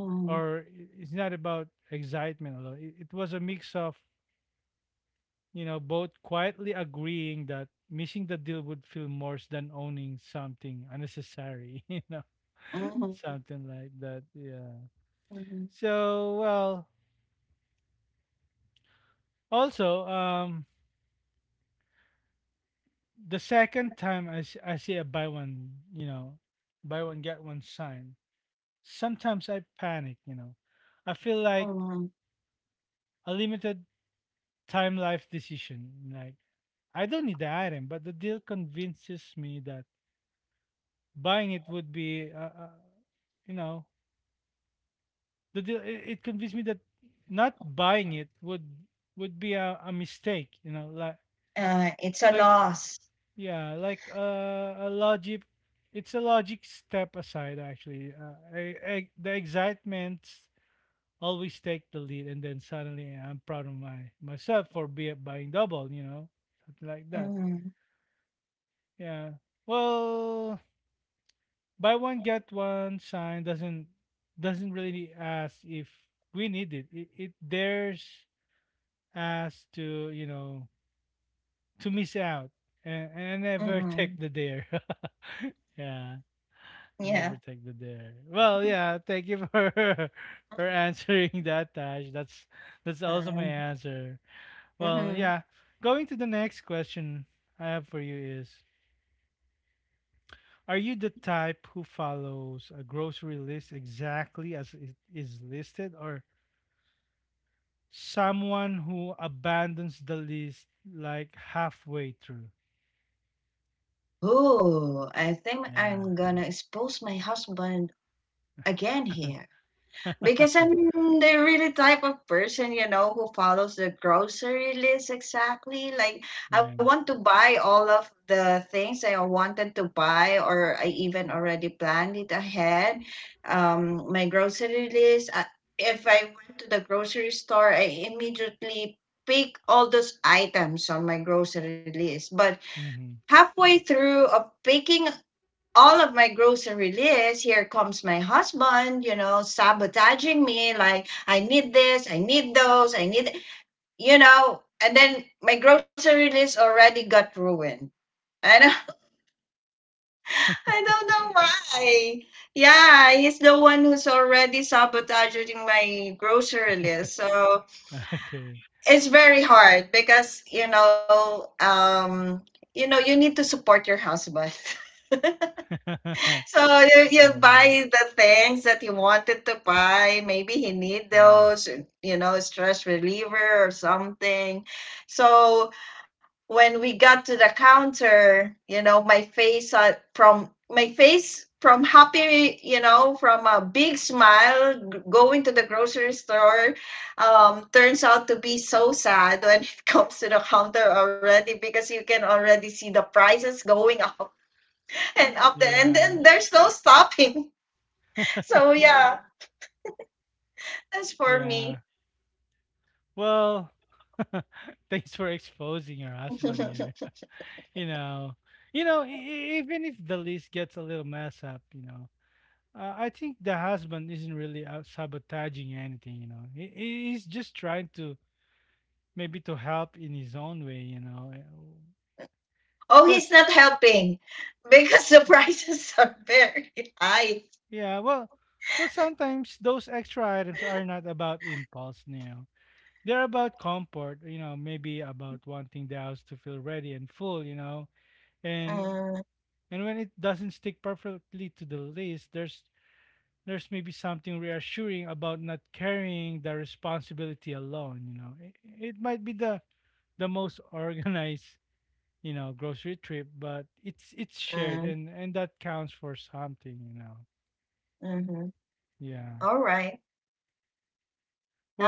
[SPEAKER 2] Mm-hmm.
[SPEAKER 1] or it's not about excitement alone. It was a mix of, you know, both quietly agreeing that missing the deal would feel worse than owning something unnecessary, [laughs] you know, [laughs]
[SPEAKER 2] Mm-hmm.
[SPEAKER 1] something like that. Yeah. So, well, also, the second time I see a buy one, you know, buy one get one sign, sometimes I panic, you know. I feel like
[SPEAKER 2] Mm-hmm.
[SPEAKER 1] a limited time life decision. Like, I don't need the item, but the deal convinces me that buying it would be, you know, the deal. It convinced me that not buying it would be a mistake, you know, like
[SPEAKER 2] It's a
[SPEAKER 1] like
[SPEAKER 2] loss.
[SPEAKER 1] yeah, like a logic. It's a logic step aside, actually. The excitements always take the lead, and then suddenly yeah, I'm proud of my myself for buying double. You know, something like that.
[SPEAKER 2] Mm-hmm.
[SPEAKER 1] Yeah. Well, buy one get one sign doesn't really ask if we need it. It dares us to, you know, to miss out and never [laughs]
[SPEAKER 2] Mm-hmm.
[SPEAKER 1] take the dare. [laughs] Yeah. I never
[SPEAKER 2] Yeah.
[SPEAKER 1] take the dare. Well, yeah, thank you for [laughs] for answering that, Tash. That's also my
[SPEAKER 2] Uh,
[SPEAKER 1] answer. Well,
[SPEAKER 2] mm-hmm.
[SPEAKER 1] yeah. Going to the next question I have for you is, are you the type who follows a grocery list exactly as it is listed, or someone who abandons the list like halfway through?
[SPEAKER 2] Oh, I think
[SPEAKER 1] Yeah.
[SPEAKER 2] I'm gonna expose my husband again
[SPEAKER 1] [laughs]
[SPEAKER 2] here. Because I'm the really type of person, who follows the grocery list exactly. Like, I
[SPEAKER 1] Yeah.
[SPEAKER 2] want to buy all of the things I wanted to buy, or I even already planned it ahead. My grocery list, if I went to the grocery store, I immediately pick all those items on my grocery list. But
[SPEAKER 1] Mm-hmm.
[SPEAKER 2] halfway through of picking all of my grocery list, here comes my husband, sabotaging me like, I need this, I need those, I need, and then my grocery list already got ruined. I don't, [laughs] I don't know why. Yeah, he's the one who's already sabotaging my grocery list. So
[SPEAKER 1] Okay.
[SPEAKER 2] it's very hard because, you need to support your husband. [laughs]
[SPEAKER 1] [laughs] Yeah.
[SPEAKER 2] So you
[SPEAKER 1] Yeah.
[SPEAKER 2] buy the things that you wanted to buy. Maybe he need those, stress reliever or something. So when we got to the counter, my face from my face from happy, from a big smile going to the grocery store turns out to be so sad when it [laughs] comes to the counter already because you can already see the prices going up and up the and
[SPEAKER 1] Yeah,
[SPEAKER 2] then there's no stopping. [laughs] So yeah, that's for
[SPEAKER 1] yeah.
[SPEAKER 2] me.
[SPEAKER 1] Well, [laughs] thanks for exposing your
[SPEAKER 2] [laughs] Oh,
[SPEAKER 1] husband here. [laughs] You know, even if the list gets a little messed up, you know, I think the husband isn't really out sabotaging anything. You know, he's just trying to maybe to help in his own way. You know,
[SPEAKER 2] he's
[SPEAKER 1] because
[SPEAKER 2] not helping because the [laughs] prices are very high.
[SPEAKER 1] yeah, well, well, sometimes those extra items are not about impulse. You know, they're about comfort. You know, maybe about wanting the house to feel ready and full. You know, and
[SPEAKER 2] Uh,
[SPEAKER 1] and when it doesn't stick perfectly to the list, there's maybe something reassuring about not carrying the responsibility alone. You know, it might be the most [laughs] organized, you know, grocery trip, but it's shared,
[SPEAKER 2] uh,
[SPEAKER 1] and that counts for something. You know,
[SPEAKER 2] mhm.
[SPEAKER 1] yeah.
[SPEAKER 2] All right.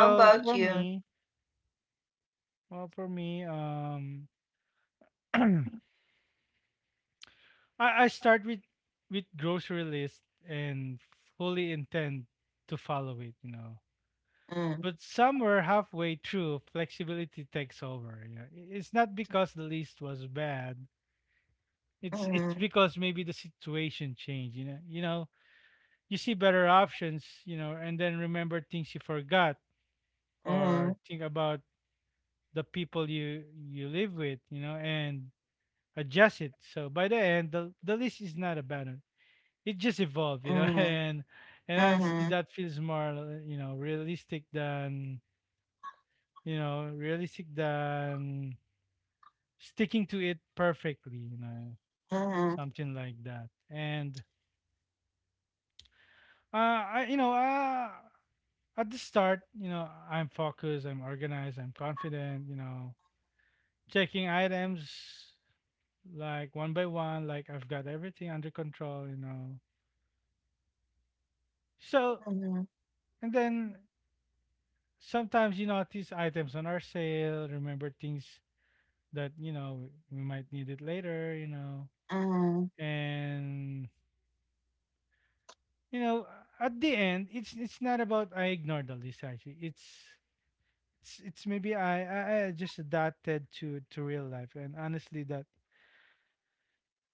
[SPEAKER 2] How
[SPEAKER 1] for
[SPEAKER 2] about you?
[SPEAKER 1] me, well for me, [clears throat] I I start with grocery list and fully intend to follow it. You know.
[SPEAKER 2] Uh
[SPEAKER 1] But somewhere halfway through, flexibility takes over. Yeah. It's not because the list was bad. It's
[SPEAKER 2] Mm,
[SPEAKER 1] because maybe the situation changed. You know, you see better options. You know, and then remember things you forgot, or
[SPEAKER 2] Mhm,
[SPEAKER 1] think about the people you live with. You know, and adjust it. So by the end, the list is not abandoned. It just evolved. You know, [laughs]
[SPEAKER 2] Uh
[SPEAKER 1] and honestly,
[SPEAKER 2] mhm,
[SPEAKER 1] that feels more, you know, realistic than you know realistic than sticking to it perfectly, you know,
[SPEAKER 2] Uh
[SPEAKER 1] something like that. And you know, at the start, you know, I'm focused, I'm organized, I'm confident, you know, checking items like one by one, like I've got everything under control, you know. So,
[SPEAKER 2] mhm,
[SPEAKER 1] and then sometimes you notice items on our sale, remember things that, you know, we might need it later, you know.
[SPEAKER 2] Uh
[SPEAKER 1] And, you know, at the end, it's not about I ignored all this actually, it's maybe I just adapted to real life, and honestly that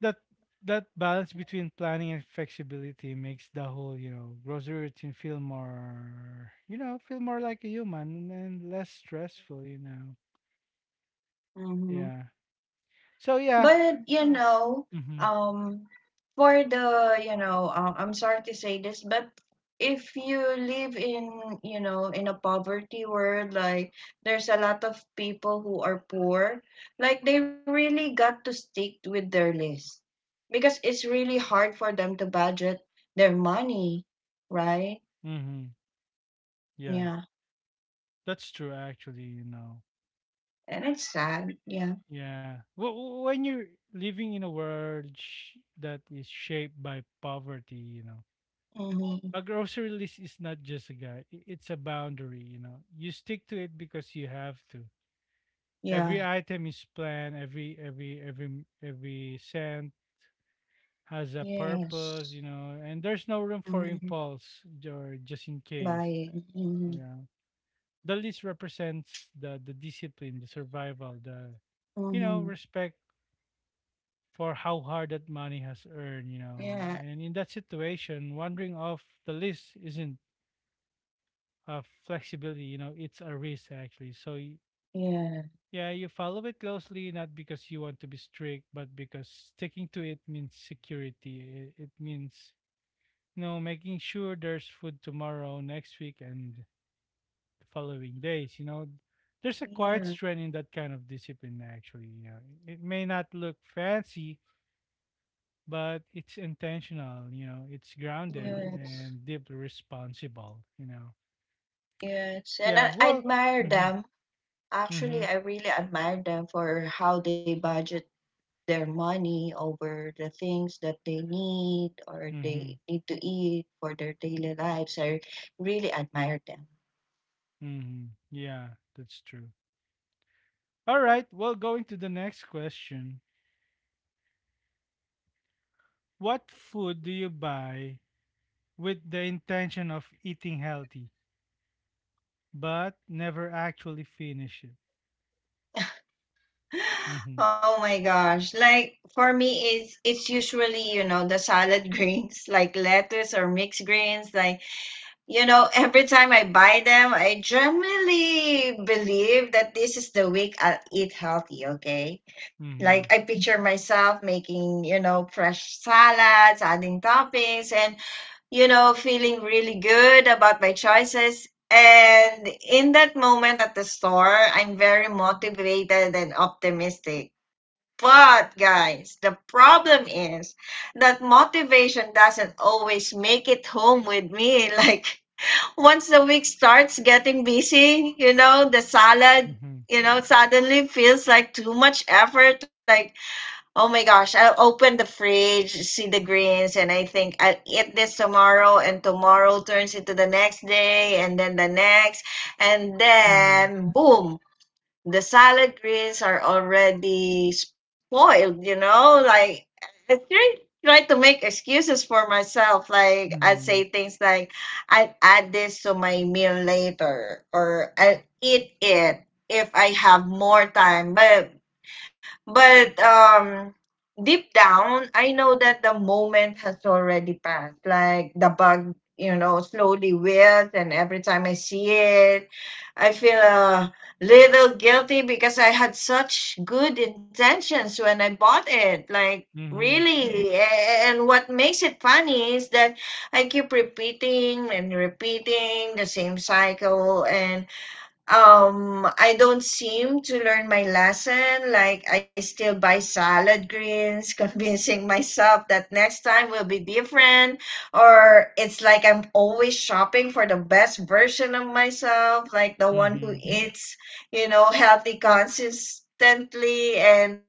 [SPEAKER 1] that that balance between planning and flexibility makes the whole, you know, grocery routine feel more, feel more like a human and less stressful, you know. Yeah,
[SPEAKER 2] mhm.
[SPEAKER 1] so yeah.
[SPEAKER 2] But
[SPEAKER 1] Uh, mm-hmm,
[SPEAKER 2] um, for the I'm sorry to say this, but if you live in you know in a poverty world, like there's a lot of people who are poor, like they really got to stick with their list because it's really hard for them to budget their money, right?
[SPEAKER 1] mm-hmm, yeah,
[SPEAKER 2] Yeah,
[SPEAKER 1] that's true actually, you know.
[SPEAKER 2] and it's sad. Yeah.
[SPEAKER 1] Yeah. Well, when you're living in a world that is shaped by poverty, you know, a
[SPEAKER 2] Hmm.
[SPEAKER 1] grocery list is not just a guide, it's a boundary, you know. You stick to it because you have to. Every
[SPEAKER 2] Yeah.
[SPEAKER 1] item is planned, every cent has a purpose, you
[SPEAKER 2] Yes.
[SPEAKER 1] know, and there's no room for
[SPEAKER 2] Hmm.
[SPEAKER 1] impulse or just in case,
[SPEAKER 2] Buying.
[SPEAKER 1] you
[SPEAKER 2] Hmm.
[SPEAKER 1] know. The list represents the discipline, the survival, the, you know,
[SPEAKER 2] Hmm.
[SPEAKER 1] respect for how hard that money has earned, you know.
[SPEAKER 2] Yeah,
[SPEAKER 1] And in that situation, wandering off the list isn't a flexibility, you know, it's a risk actually. So,
[SPEAKER 2] yeah,
[SPEAKER 1] yeah, you follow it closely, not because you want to be strict, but because sticking to it means security. It means, you know, making sure there's food tomorrow, next week, and the following days, you know. There's a quiet
[SPEAKER 2] yeah,
[SPEAKER 1] strength in that kind of discipline, actually. You know. It may not look fancy, but it's intentional, you know, it's grounded
[SPEAKER 2] yes,
[SPEAKER 1] and deeply responsible, you know.
[SPEAKER 2] yes. And
[SPEAKER 1] Yeah,
[SPEAKER 2] I
[SPEAKER 1] well,
[SPEAKER 2] admire
[SPEAKER 1] mhm,
[SPEAKER 2] them.
[SPEAKER 1] mhm,
[SPEAKER 2] Actually, I really admire them for how they budget their money over the things that they need or
[SPEAKER 1] mhm,
[SPEAKER 2] they need to eat for their daily lives. I really admire them. [gasps]
[SPEAKER 1] mhm. Yeah, that's true. All right, well, going to the next question. What food do you buy with the intention of eating healthy, but never actually finish it? Mhm,
[SPEAKER 2] [laughs] Oh my gosh. Like for me is it's usually, the salad [laughs] greens, like lettuce or mixed greens, like. Every time I buy them, I generally believe that this is the week I'll eat healthy, okay? Like, I
[SPEAKER 1] mhm,
[SPEAKER 2] picture myself making, fresh salads, adding toppings, and, feeling really good about my choices. And in that moment at the store, I'm very motivated and optimistic. But, guys, the problem is that motivation doesn't always make it home with me. [laughs] Like, once the week starts getting busy, the salad,
[SPEAKER 1] mhm,
[SPEAKER 2] suddenly feels like too much effort. Like, oh my gosh, I'll open the fridge, see the greens, and I think I'll eat this tomorrow, and tomorrow turns into the next day, and then the next, and
[SPEAKER 1] mhm,
[SPEAKER 2] then boom, the salad greens are already spoiled, you know? Like, I try to make excuses for myself. Like, I
[SPEAKER 1] mhm,
[SPEAKER 2] say things like, I'll add this to my meal later, or I'll eat it if I have more time. But deep down, I know that the moment has already passed. Like the bug, slowly wilts, and every time I see it, I feel a little guilty because I had such good intentions when I bought it. Like,
[SPEAKER 1] mhm,
[SPEAKER 2] really? And what makes it funny is that I keep repeating and repeating the same cycle, and I don't seem to learn my lesson. Like, I still buy salad greens, [laughs] convincing myself that next time will be different. Or it's like I'm always shopping for the best version of myself, like the one who
[SPEAKER 1] mhm.
[SPEAKER 2] eats, healthy consistently, and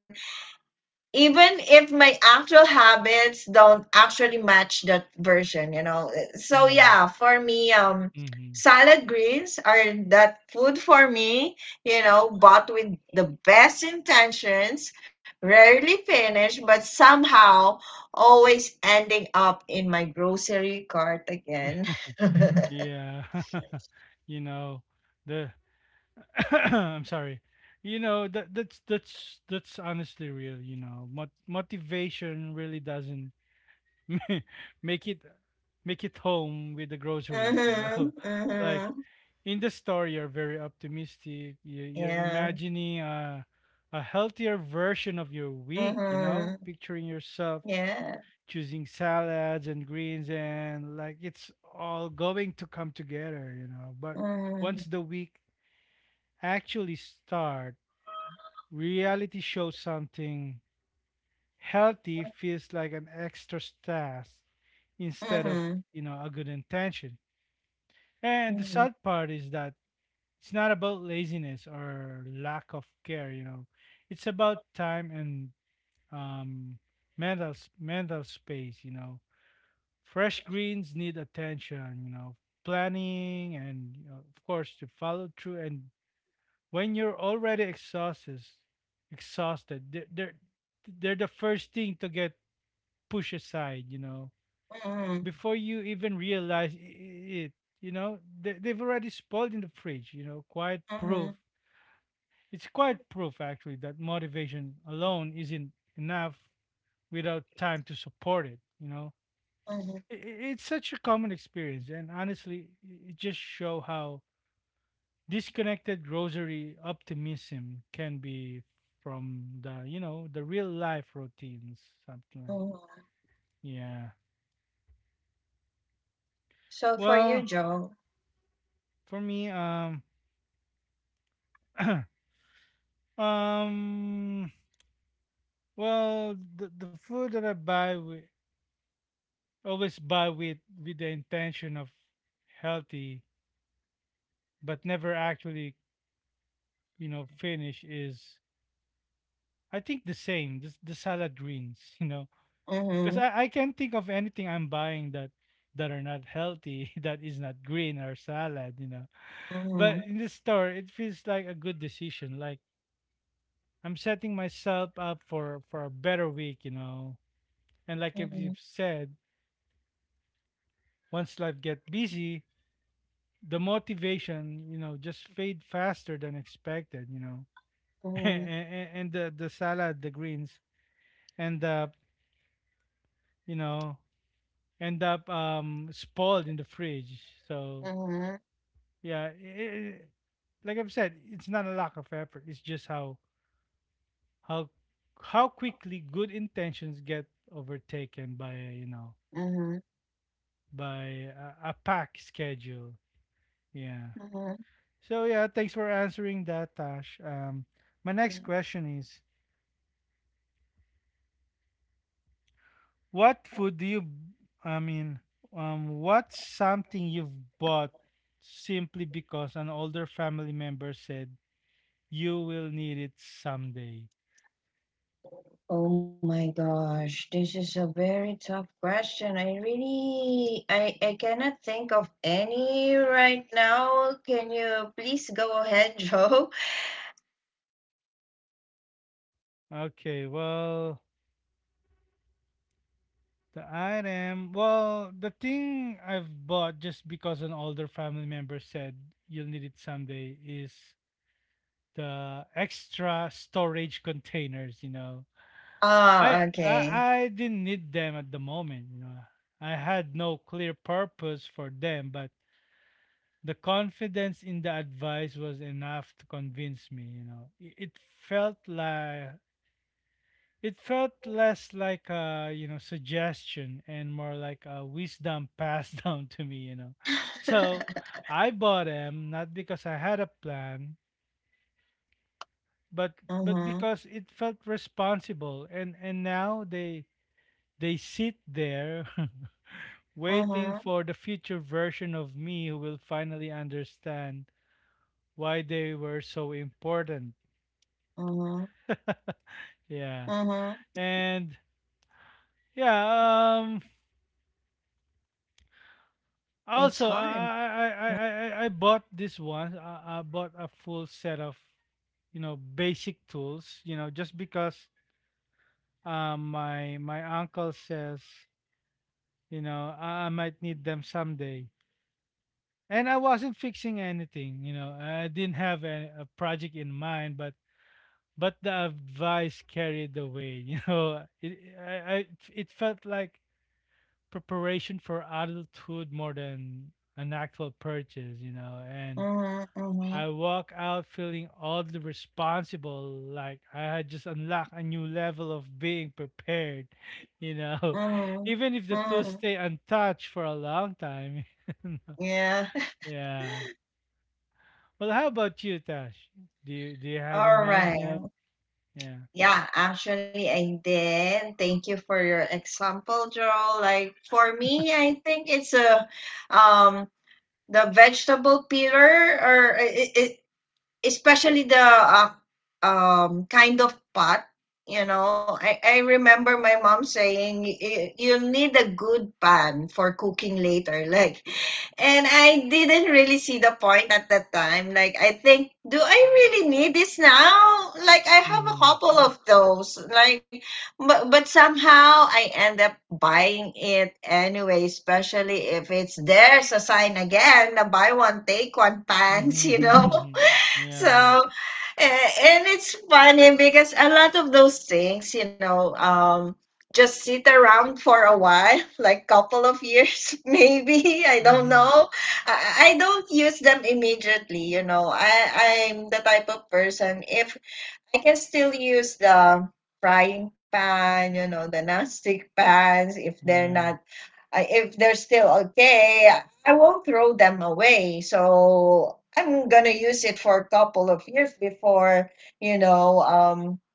[SPEAKER 2] even if my actual habits don't actually match that version. So
[SPEAKER 1] Yeah.
[SPEAKER 2] yeah, for me,
[SPEAKER 1] Mhm.
[SPEAKER 2] salad greens are that food for me, bought with the best intentions, rarely finished, but somehow always ending up in my grocery cart again.
[SPEAKER 1] [laughs]
[SPEAKER 2] [laughs]
[SPEAKER 1] Yeah. [laughs] You know, the [coughs] I'm sorry. You know, that that's honestly real, you know. Motivation really doesn't [laughs] make it home with the groceries, you
[SPEAKER 2] Mm-hmm,
[SPEAKER 1] know. [laughs] Like
[SPEAKER 2] mm-hmm.
[SPEAKER 1] in the store you're very optimistic. You're
[SPEAKER 2] Yeah.
[SPEAKER 1] imagining a healthier version of your week, you
[SPEAKER 2] Mm-hmm.
[SPEAKER 1] know, picturing yourself
[SPEAKER 2] Yeah.
[SPEAKER 1] choosing salads and greens, and like it's all going to come together, you know. But
[SPEAKER 2] Mm-hmm.
[SPEAKER 1] once the week actually start, reality shows something. Healthy feels like an extra task instead of,
[SPEAKER 2] Mm-hmm.
[SPEAKER 1] you know, a good intention. And the
[SPEAKER 2] Mm-hmm.
[SPEAKER 1] sad part is that it's not about laziness or lack of care, you know. It's about time and um mental mental space, you know. Fresh greens need attention, you know, planning and, you know, of course to follow through. And when you're already exhausted, they're the first thing to get pushed aside, you know,
[SPEAKER 2] Mm-hmm.
[SPEAKER 1] before you even realize it. You know, they, they've already spoiled in the fridge. You know, quite proof.
[SPEAKER 2] Mhm,
[SPEAKER 1] It's quite proof actually that motivation alone isn't enough without time to support it. You know,
[SPEAKER 2] mhm,
[SPEAKER 1] it's such a common experience and honestly it just show how disconnected rosary optimism can be from the you know the real life routines something like
[SPEAKER 2] mhm.
[SPEAKER 1] yeah
[SPEAKER 2] So for you,
[SPEAKER 1] well
[SPEAKER 2] Joe.
[SPEAKER 1] for me [clears throat] um well the food that I buy we always buy with the intention of healthy but never actually you know finish is I think the same the salad greens [laughs] you know.
[SPEAKER 2] Mhm,
[SPEAKER 1] Because I can't think of anything I'm buying that that are not healthy, [laughs] that is not green or salad, you know.
[SPEAKER 2] mhm,
[SPEAKER 1] But in the store, it feels like a good decision. Like I'm setting myself up for a better week, you know. And like if
[SPEAKER 2] mhm,
[SPEAKER 1] you've said, once life get busy, the motivation, just fade faster than expected, you know. [laughs]
[SPEAKER 2] mhm,
[SPEAKER 1] And the salad, the greens end up, you know, end up spoiled in the fridge. So
[SPEAKER 2] mhm,
[SPEAKER 1] yeah, I like I've said, it's not a lack of effort. It's just how how quickly good intentions get overtaken by a, you know
[SPEAKER 2] mhm,
[SPEAKER 1] by a pack schedule. Yeah.
[SPEAKER 2] mhm,
[SPEAKER 1] So yeah, thanks for answering that, Tash. My next
[SPEAKER 2] mhm.
[SPEAKER 1] question is, what food do you? I mean, what's something you've bought simply because an older family member said you will need it someday?
[SPEAKER 2] Oh my gosh, this is a very tough question. I really, I cannot think of any right now. Can you please go ahead, [laughs] Joe?
[SPEAKER 1] Okay, well, the thing I've bought just because an older family member said you'll need it someday is the extra storage containers, you know.
[SPEAKER 2] Ah,
[SPEAKER 1] I I,
[SPEAKER 2] okay.
[SPEAKER 1] I didn't need them at the moment, you know. I had no clear purpose for them, but the confidence in the advice was enough to convince me, you know. It felt like it felt less like a, you know, suggestion and more like a wisdom passed [laughs] down to me, you know. So
[SPEAKER 2] [laughs]
[SPEAKER 1] I bought them not because I had a plan, but but
[SPEAKER 2] Uh-huh,
[SPEAKER 1] because it felt responsible and now they sit there [laughs] waiting
[SPEAKER 2] uh-huh,
[SPEAKER 1] for the future version of me who will finally understand why they were so important.
[SPEAKER 2] uh-huh,
[SPEAKER 1] [laughs] yeah.
[SPEAKER 2] uh-huh.
[SPEAKER 1] And yeah,
[SPEAKER 2] It's
[SPEAKER 1] Also,
[SPEAKER 2] hard.
[SPEAKER 1] bought this one. I bought a full set of you know basic tools. You know, just because my uncle says you know I might need them someday. And I wasn't fixing anything. You know, I didn't have a project in mind, but the advice carried the way. [laughs] You know, it I it felt like preparation for adulthood more than an actual purchase. You know, and
[SPEAKER 2] Uh-huh, uh-huh,
[SPEAKER 1] I walk out feeling oddly responsible, like I had just unlocked a new level of being prepared, [laughs] you know, [laughs] even if the two
[SPEAKER 2] uh-huh.
[SPEAKER 1] stay untouched for a long time. [laughs]
[SPEAKER 2] Yeah. [laughs]
[SPEAKER 1] Yeah. Well, how about you, Tash? Do you have in
[SPEAKER 2] All
[SPEAKER 1] mind
[SPEAKER 2] right.
[SPEAKER 1] now? Yeah.
[SPEAKER 2] Yeah, actually, I did. Thank you for your example, Joel. Like for me, I think it's a um the vegetable peeler, or it, it especially the kind of pot. I remember my mom saying, you need a good pan for cooking later." [laughs] Like, and I didn't really see the point at that time. Like, I think, do I really need this now? Like, I have a
[SPEAKER 1] Mhm.
[SPEAKER 2] couple of those. Like, but somehow I end up buying it anyway, especially if it's there's a sign again, the buy one, take one pants, [laughs] you know? [laughs]
[SPEAKER 1] Mhm. [laughs] Yeah.
[SPEAKER 2] So a- And it's funny because a lot of those things, just sit around for a while, [laughs] like couple of years, [laughs] maybe. I don't
[SPEAKER 1] Mhm.
[SPEAKER 2] know. I don't use them immediately. I'm the type of person, if I can still use the frying pan, the nonstick pans, if they're
[SPEAKER 1] Yeah.
[SPEAKER 2] not, if they're still okay, I won't throw them away. So I'm gonna use it for a couple of years before, you know, um,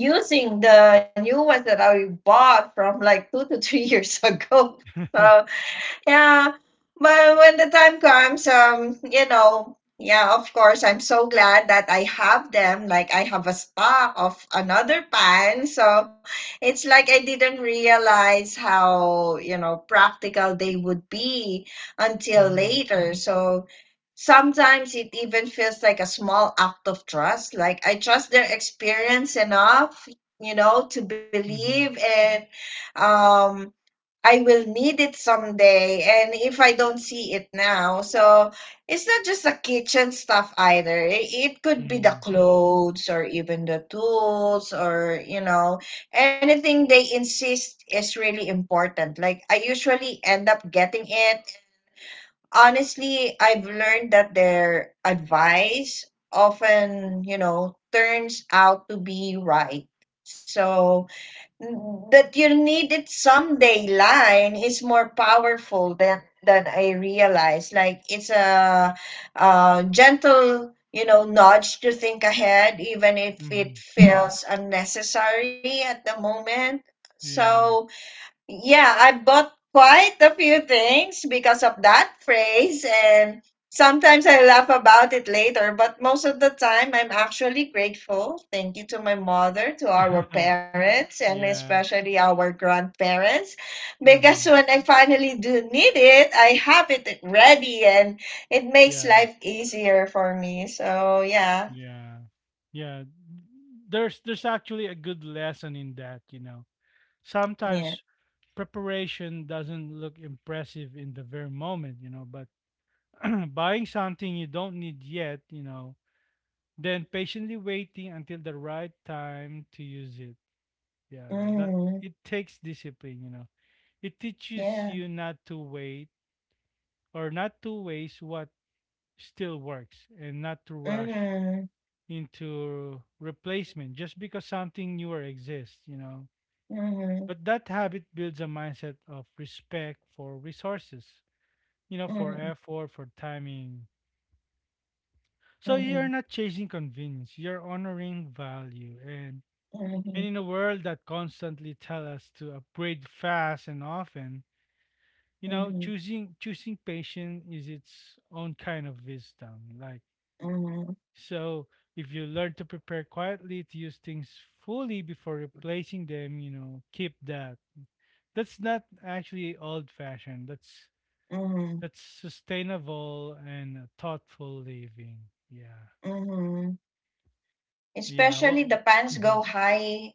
[SPEAKER 2] using the new ones that I bought from like two to three [laughs] years ago. So
[SPEAKER 1] [laughs]
[SPEAKER 2] yeah, but when the time comes, yeah, of course I'm so glad that I have them. Like I have a stock of another pan, so it's like I didn't realize how practical they would be until
[SPEAKER 1] Mhm.
[SPEAKER 2] later. So sometimes it even feels like a small act of trust, like I trust their experience enough, to believe,
[SPEAKER 1] Mhm.
[SPEAKER 2] and um I will need it someday, and if I don't see it now. So it's not just the kitchen stuff either. It could be the
[SPEAKER 1] Mhm.
[SPEAKER 2] clothes or even the tools, or anything they insist is really important. Like I usually end up getting it. Honestly, I've learned that their advice often turns out to be right. So that you needed someday line is more powerful than I realized. Like it's a gentle, nudge to think ahead, even if it
[SPEAKER 1] Mhm.
[SPEAKER 2] feels unnecessary at the moment.
[SPEAKER 1] Yeah.
[SPEAKER 2] So yeah, I bought quite a few things because of that phrase, and sometimes I laugh about it later, but most of the time I'm actually grateful. Thank you to my mother, to our
[SPEAKER 1] [laughs]
[SPEAKER 2] parents, and
[SPEAKER 1] Yeah.
[SPEAKER 2] especially our grandparents, because
[SPEAKER 1] Mhm.
[SPEAKER 2] when I finally do need it, I have it ready and it makes
[SPEAKER 1] Yeah.
[SPEAKER 2] life easier for me. So, yeah,
[SPEAKER 1] Yeah. Yeah. There's actually a good lesson in that, you know.
[SPEAKER 2] yeah.
[SPEAKER 1] Sometimes preparation doesn't look impressive in the very moment, you know, but [clears throat] buying something you don't need yet, you know, then patiently waiting until the right time to use it. Yeah, that
[SPEAKER 2] Mm,
[SPEAKER 1] it takes discipline, you know. It teaches
[SPEAKER 2] yeah.
[SPEAKER 1] you not to wait or not to waste what still works and not to rush
[SPEAKER 2] Mm,
[SPEAKER 1] into replacement just because something newer exists, you know.
[SPEAKER 2] mm,
[SPEAKER 1] But that habit builds a mindset of respect for resources, you know, for
[SPEAKER 2] mm,
[SPEAKER 1] effort, for timing.
[SPEAKER 2] mm,
[SPEAKER 1] So you're
[SPEAKER 2] mm.
[SPEAKER 1] not chasing convenience, you're honoring value. And
[SPEAKER 2] Mm.
[SPEAKER 1] in a world that constantly tell us to upgrade fast and often, you know,
[SPEAKER 2] Mhm,
[SPEAKER 1] choosing choosing patience is its own kind of wisdom. Like
[SPEAKER 2] mhm,
[SPEAKER 1] So if you learn to prepare quietly, to use things fully before replacing them, you know, keep that. That's not actually old fashioned.
[SPEAKER 2] mhm,
[SPEAKER 1] That's sustainable and thoughtful living. Yeah.
[SPEAKER 2] mhm.
[SPEAKER 1] Yeah.
[SPEAKER 2] Especially the
[SPEAKER 1] Well,
[SPEAKER 2] pants go
[SPEAKER 1] mhm.
[SPEAKER 2] high,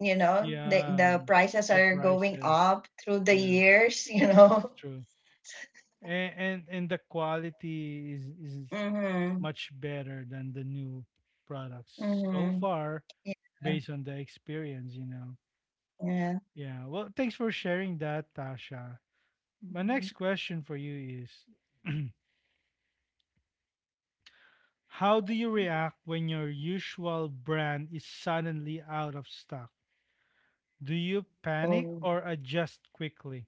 [SPEAKER 2] the
[SPEAKER 1] yeah.
[SPEAKER 2] the prices
[SPEAKER 1] The
[SPEAKER 2] are going
[SPEAKER 1] prices.
[SPEAKER 2] up through the
[SPEAKER 1] Yeah,
[SPEAKER 2] years, you
[SPEAKER 1] that's
[SPEAKER 2] know. [laughs]
[SPEAKER 1] true. And the quality is
[SPEAKER 2] Mhm,
[SPEAKER 1] much better than the new products so
[SPEAKER 2] mhm.
[SPEAKER 1] far
[SPEAKER 2] Yeah,
[SPEAKER 1] based on the experience, you know.
[SPEAKER 2] yeah.
[SPEAKER 1] Yeah. Well, thanks for sharing that, Tasha. My
[SPEAKER 2] Mhm.
[SPEAKER 1] next question for you is [clears throat] How do you react when your usual brand is suddenly out of stock? Do you panic
[SPEAKER 2] Oh,
[SPEAKER 1] or adjust quickly?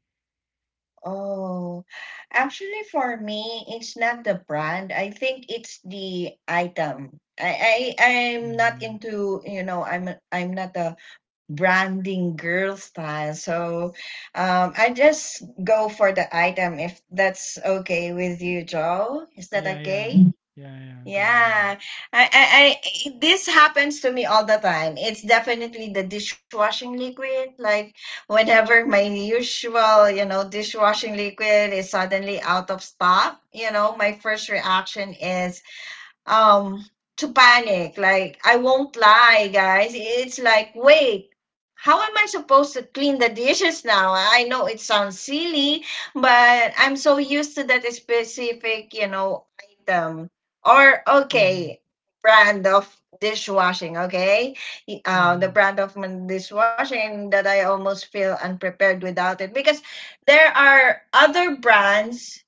[SPEAKER 2] Oh, actually, for me, it's not the brand. I think it's the item. I'm not
[SPEAKER 1] Mm-hmm.
[SPEAKER 2] into, I'm not a branding girl style. So, I just go for the item if that's okay with you, Joe. Is that
[SPEAKER 1] Yeah, yeah.
[SPEAKER 2] okay?
[SPEAKER 1] Yeah, yeah. Go on.
[SPEAKER 2] Yeah, this happens to me all the time. It's definitely the dishwashing liquid. Like whenever my usual, dishwashing liquid is suddenly out of stock, my first reaction is um to panic. Like, I won't lie guys, it's like, wait, how am I supposed to clean the dishes now? I know it sounds silly, but I'm so used to that specific, item, or
[SPEAKER 1] Mm-hmm.
[SPEAKER 2] okay, brand of dishwashing. Okay, the
[SPEAKER 1] Mm-hmm.
[SPEAKER 2] brand of my dishwashing that I almost feel unprepared without it, because there are other brands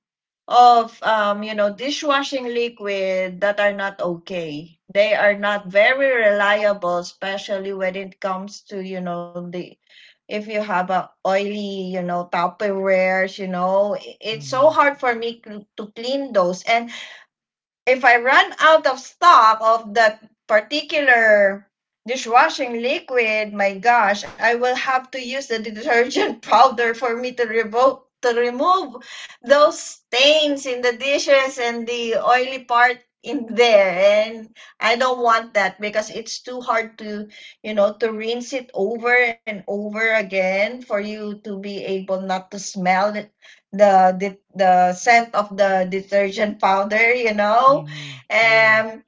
[SPEAKER 2] of dishwashing liquid that are not okay. They are not very reliable, especially when it comes to, the if you have a oily, Tupperwares, it's
[SPEAKER 1] Mm-hmm.
[SPEAKER 2] so hard for me to clean those. And if I run out of stock of that particular dishwashing liquid, my gosh, I will have to use the detergent [laughs] powder for me to revoke to remove those stains in the dishes and the oily part in there and I don't want that because it's too hard to to rinse it over and over again for you to be able not to smell it the the scent of the detergent powder,
[SPEAKER 1] Mm-hmm. Yeah.
[SPEAKER 2] Um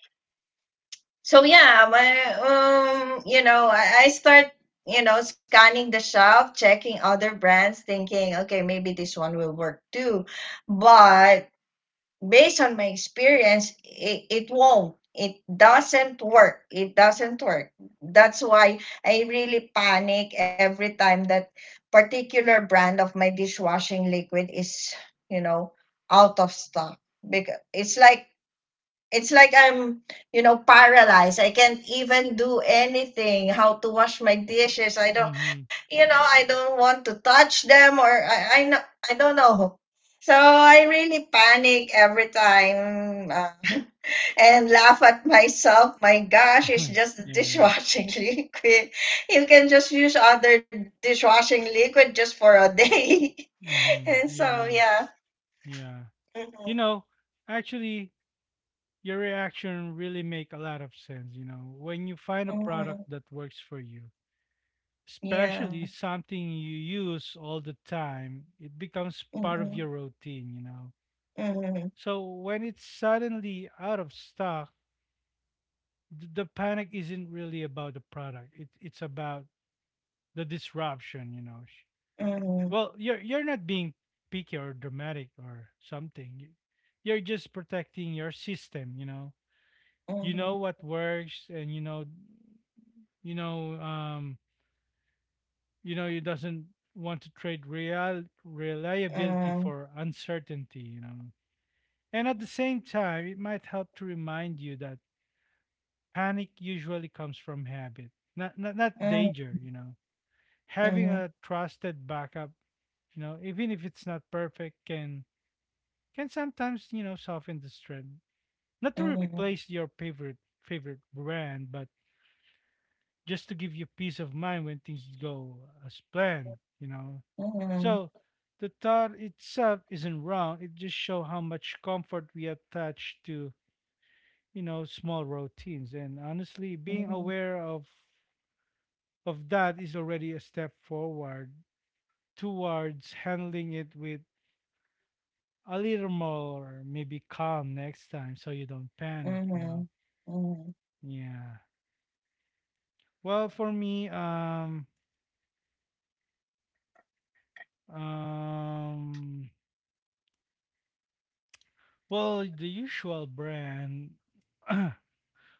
[SPEAKER 2] so yeah, my I start scanning the shelf, checking other brands, thinking, okay, maybe this one will work too. But based on my experience, it won't. It doesn't work. It doesn't work. That's why I really panic every time that particular brand of my dishwashing liquid is, you know, out of stock. Because it's like I'm paralyzed. I can't even do anything. How to wash my dishes? I don't,
[SPEAKER 1] Mm-hmm.
[SPEAKER 2] you know, I don't want to touch them, or I know, I don't know. So I really panic every time [laughs] and laugh at myself. My gosh, it's
[SPEAKER 1] [laughs]
[SPEAKER 2] just the
[SPEAKER 1] Yeah.
[SPEAKER 2] dishwashing [laughs] liquid. You can just use other dishwashing liquid just for a day.
[SPEAKER 1] Mm-hmm.
[SPEAKER 2] [laughs] And so,
[SPEAKER 1] Yeah.
[SPEAKER 2] yeah.
[SPEAKER 1] Yeah. You
[SPEAKER 2] Mhm.
[SPEAKER 1] know, actually, your reaction really make a lot of sense you know when you find a product
[SPEAKER 2] Mhm.
[SPEAKER 1] that works for you especially
[SPEAKER 2] Yeah.
[SPEAKER 1] something you use all the time it becomes part of your
[SPEAKER 2] Mm-hmm.
[SPEAKER 1] routine you know
[SPEAKER 2] Mm-hmm.
[SPEAKER 1] so when it's suddenly out of stock th- the panic isn't really about the product it, it's about the disruption you know Sh-
[SPEAKER 2] Mm-hmm.
[SPEAKER 1] well you're not being picky or dramatic or something You- you're just protecting your system you know
[SPEAKER 2] Mhm.
[SPEAKER 1] what works and you know you know, you know, he doesn't want to trade real reliability
[SPEAKER 2] Mhm.
[SPEAKER 1] for uncertainty, you know. And at the same time, it might help to remind you that panic usually comes from habit, not not, not
[SPEAKER 2] Mhm.
[SPEAKER 1] danger, you know. Having
[SPEAKER 2] Mhm.
[SPEAKER 1] a trusted backup, you know, even if it's not perfect, can sometimes, you know, soften the strain. Not to
[SPEAKER 2] Mhm.
[SPEAKER 1] replace your favorite favorite brand, but just to give you peace of mind when things go as planned, you know.
[SPEAKER 2] Mhm. Mhm.
[SPEAKER 1] So the thought itself isn't wrong. It just shows how much comfort we attach to, you know, small routines. And honestly, being aware of that is already a step forward towards handling it with a little more maybe calm next time so you don't panic,
[SPEAKER 2] Mhm.
[SPEAKER 1] you know.
[SPEAKER 2] Mhm.
[SPEAKER 1] Yeah. Well, for me, um Well, the usual brand. [clears throat]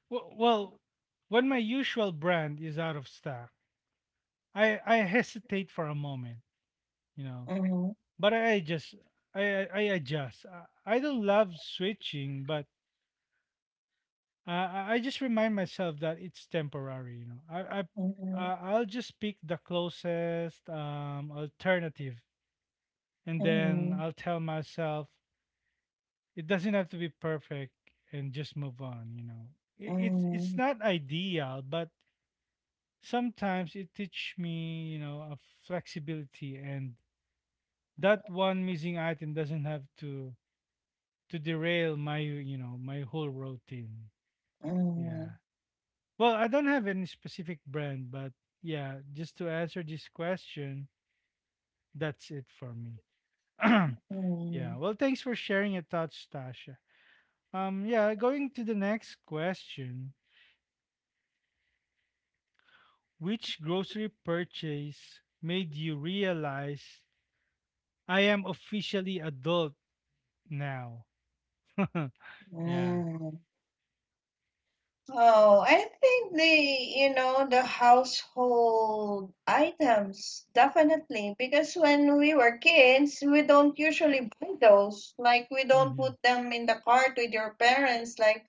[SPEAKER 1] Well, well, when my usual brand is out of stock, I hesitate for a moment, you know.
[SPEAKER 2] Mhm.
[SPEAKER 1] But I just I adjust. I don't love switching, but I just remind myself that it's temporary, you know. I
[SPEAKER 2] Mhm.
[SPEAKER 1] I'll just pick the closest alternative, and then I'll tell myself it doesn't have to be perfect and just move on you know I- it's
[SPEAKER 2] Mhm.
[SPEAKER 1] not ideal but sometimes it teach me you know a flexibility and that one missing item doesn't have to derail my you know my whole routine
[SPEAKER 2] Mhm.
[SPEAKER 1] yeah well I don't have any specific brand but yeah just to answer this question that's it for me [clears throat]
[SPEAKER 2] Mhm.
[SPEAKER 1] yeah well thanks for sharing your thoughts tasha yeah going to the next question Which grocery purchase made you realize I am officially adult now? [laughs] yeah.
[SPEAKER 2] Mhm. Mhm. Oh, I think the, you know, the household items, definitely. Because when we were kids, we don't usually buy those. Like, we don't
[SPEAKER 1] Mhm.
[SPEAKER 2] put them in the cart with your parents. Like,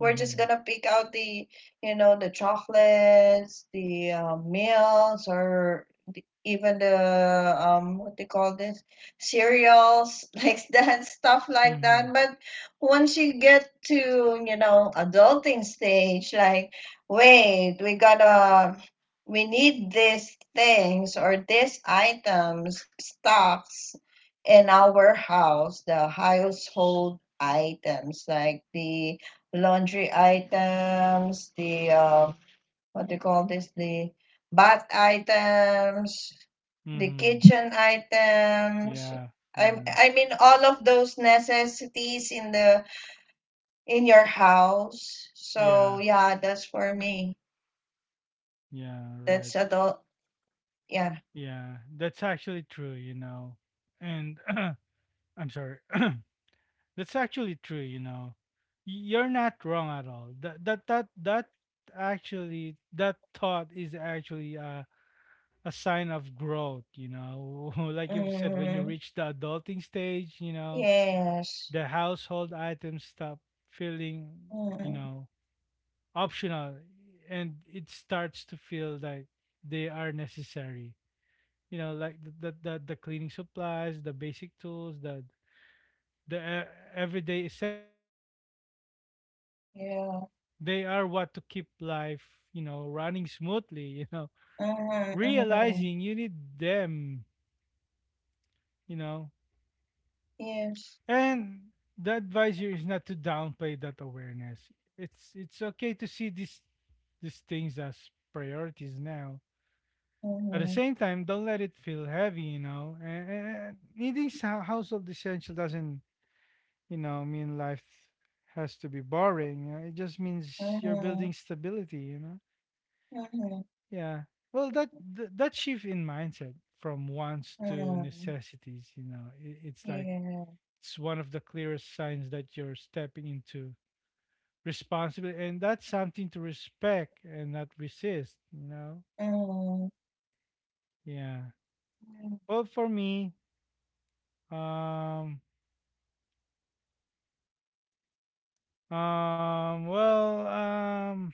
[SPEAKER 2] we're just gonna pick out the, you know, the chocolates, the meals, or the, even the, what they call this, cereals, [laughs] like that, stuff like
[SPEAKER 1] Mhm.
[SPEAKER 2] that. But once you get to, you know, adulting stage, like, wait, we gotta, we need these things or these items stocks in our house, the household items like the laundry items, the what do you call this, the bath items, the
[SPEAKER 1] Mhm.
[SPEAKER 2] kitchen items.
[SPEAKER 1] Yeah.
[SPEAKER 2] I,
[SPEAKER 1] Yeah.
[SPEAKER 2] I mean all of those necessities in the in your house. So
[SPEAKER 1] Yeah.
[SPEAKER 2] yeah, that's for me.
[SPEAKER 1] Yeah, right.
[SPEAKER 2] That's adult. Yeah.
[SPEAKER 1] Yeah. That's actually true, you know. And [clears throat] I'm sorry. [clears throat] that's actually true, you know. Y- You're not wrong at all. That actually that thought is actually a sign of growth, you know. [laughs] Like you've said, when you
[SPEAKER 2] Mm,
[SPEAKER 1] reach the adulting stage, you know,
[SPEAKER 2] yes.
[SPEAKER 1] the household items stop feeling, you
[SPEAKER 2] Mm,
[SPEAKER 1] know, optional and it starts to feel like they are necessary. You know, like
[SPEAKER 2] yes.
[SPEAKER 1] the cleaning supplies, the basic tools, the
[SPEAKER 2] Mm-hmm.
[SPEAKER 1] the e- everyday essentials, they are not exciting, but
[SPEAKER 2] Yeah.
[SPEAKER 1] they are what to keep life, you know, running smoothly, [laughs] you know.
[SPEAKER 2] Mm-hmm. Mm-hmm.
[SPEAKER 1] Realizing you need them, you know.
[SPEAKER 2] Yes.
[SPEAKER 1] And the advice here is not to downplay that awareness. It's okay to see these things as priorities now. At the
[SPEAKER 2] Mm-hmm.
[SPEAKER 1] same time, don't let it feel heavy, you know. And needing sou- household essential doesn't, you know, mean life has to be boring. You know? It just means you're
[SPEAKER 2] Mm-hmm.
[SPEAKER 1] building stability, you know.
[SPEAKER 2] Mm-hmm.
[SPEAKER 1] Yeah. Well, that that shift in mindset from wants to
[SPEAKER 2] Mm-hmm.
[SPEAKER 1] necessities, you know, I it's like
[SPEAKER 2] Yeah.
[SPEAKER 1] it's one of the clearest signs that you're stepping into responsibility and that's something to respect and not resist, you know.
[SPEAKER 2] Mm-hmm.
[SPEAKER 1] Yeah, well, for me, um well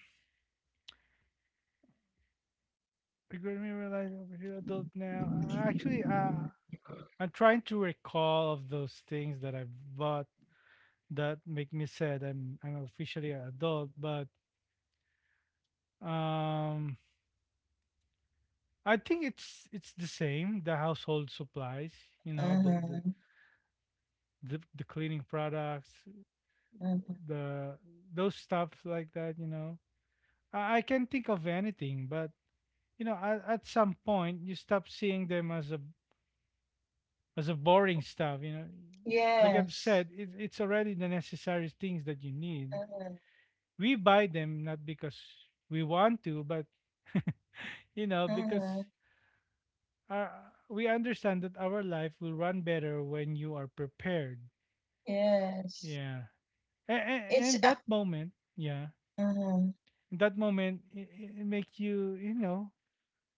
[SPEAKER 1] regret me realize over here adult now actually I'm trying to recall of those things that I've bought that make me sad I'm officially an adult but um I think it's the same the household supplies you know the
[SPEAKER 2] Mm-hmm.
[SPEAKER 1] the cleaning products
[SPEAKER 2] Mm-hmm.
[SPEAKER 1] the those stuff like that you know I can think of anything but you know at some point you stop seeing them as a boring stuff you know. Like I've
[SPEAKER 2] Yes.
[SPEAKER 1] said it's already the necessary things that you need.
[SPEAKER 2] Mm-hmm.
[SPEAKER 1] We buy them not because we want to but [laughs] you know because
[SPEAKER 2] Mm-hmm.
[SPEAKER 1] our, we understand that our life will run better when you are prepared.
[SPEAKER 2] Yes.
[SPEAKER 1] Yeah,
[SPEAKER 2] It's
[SPEAKER 1] and that moment yeah
[SPEAKER 2] mm-hmm.
[SPEAKER 1] in that moment it makes you you know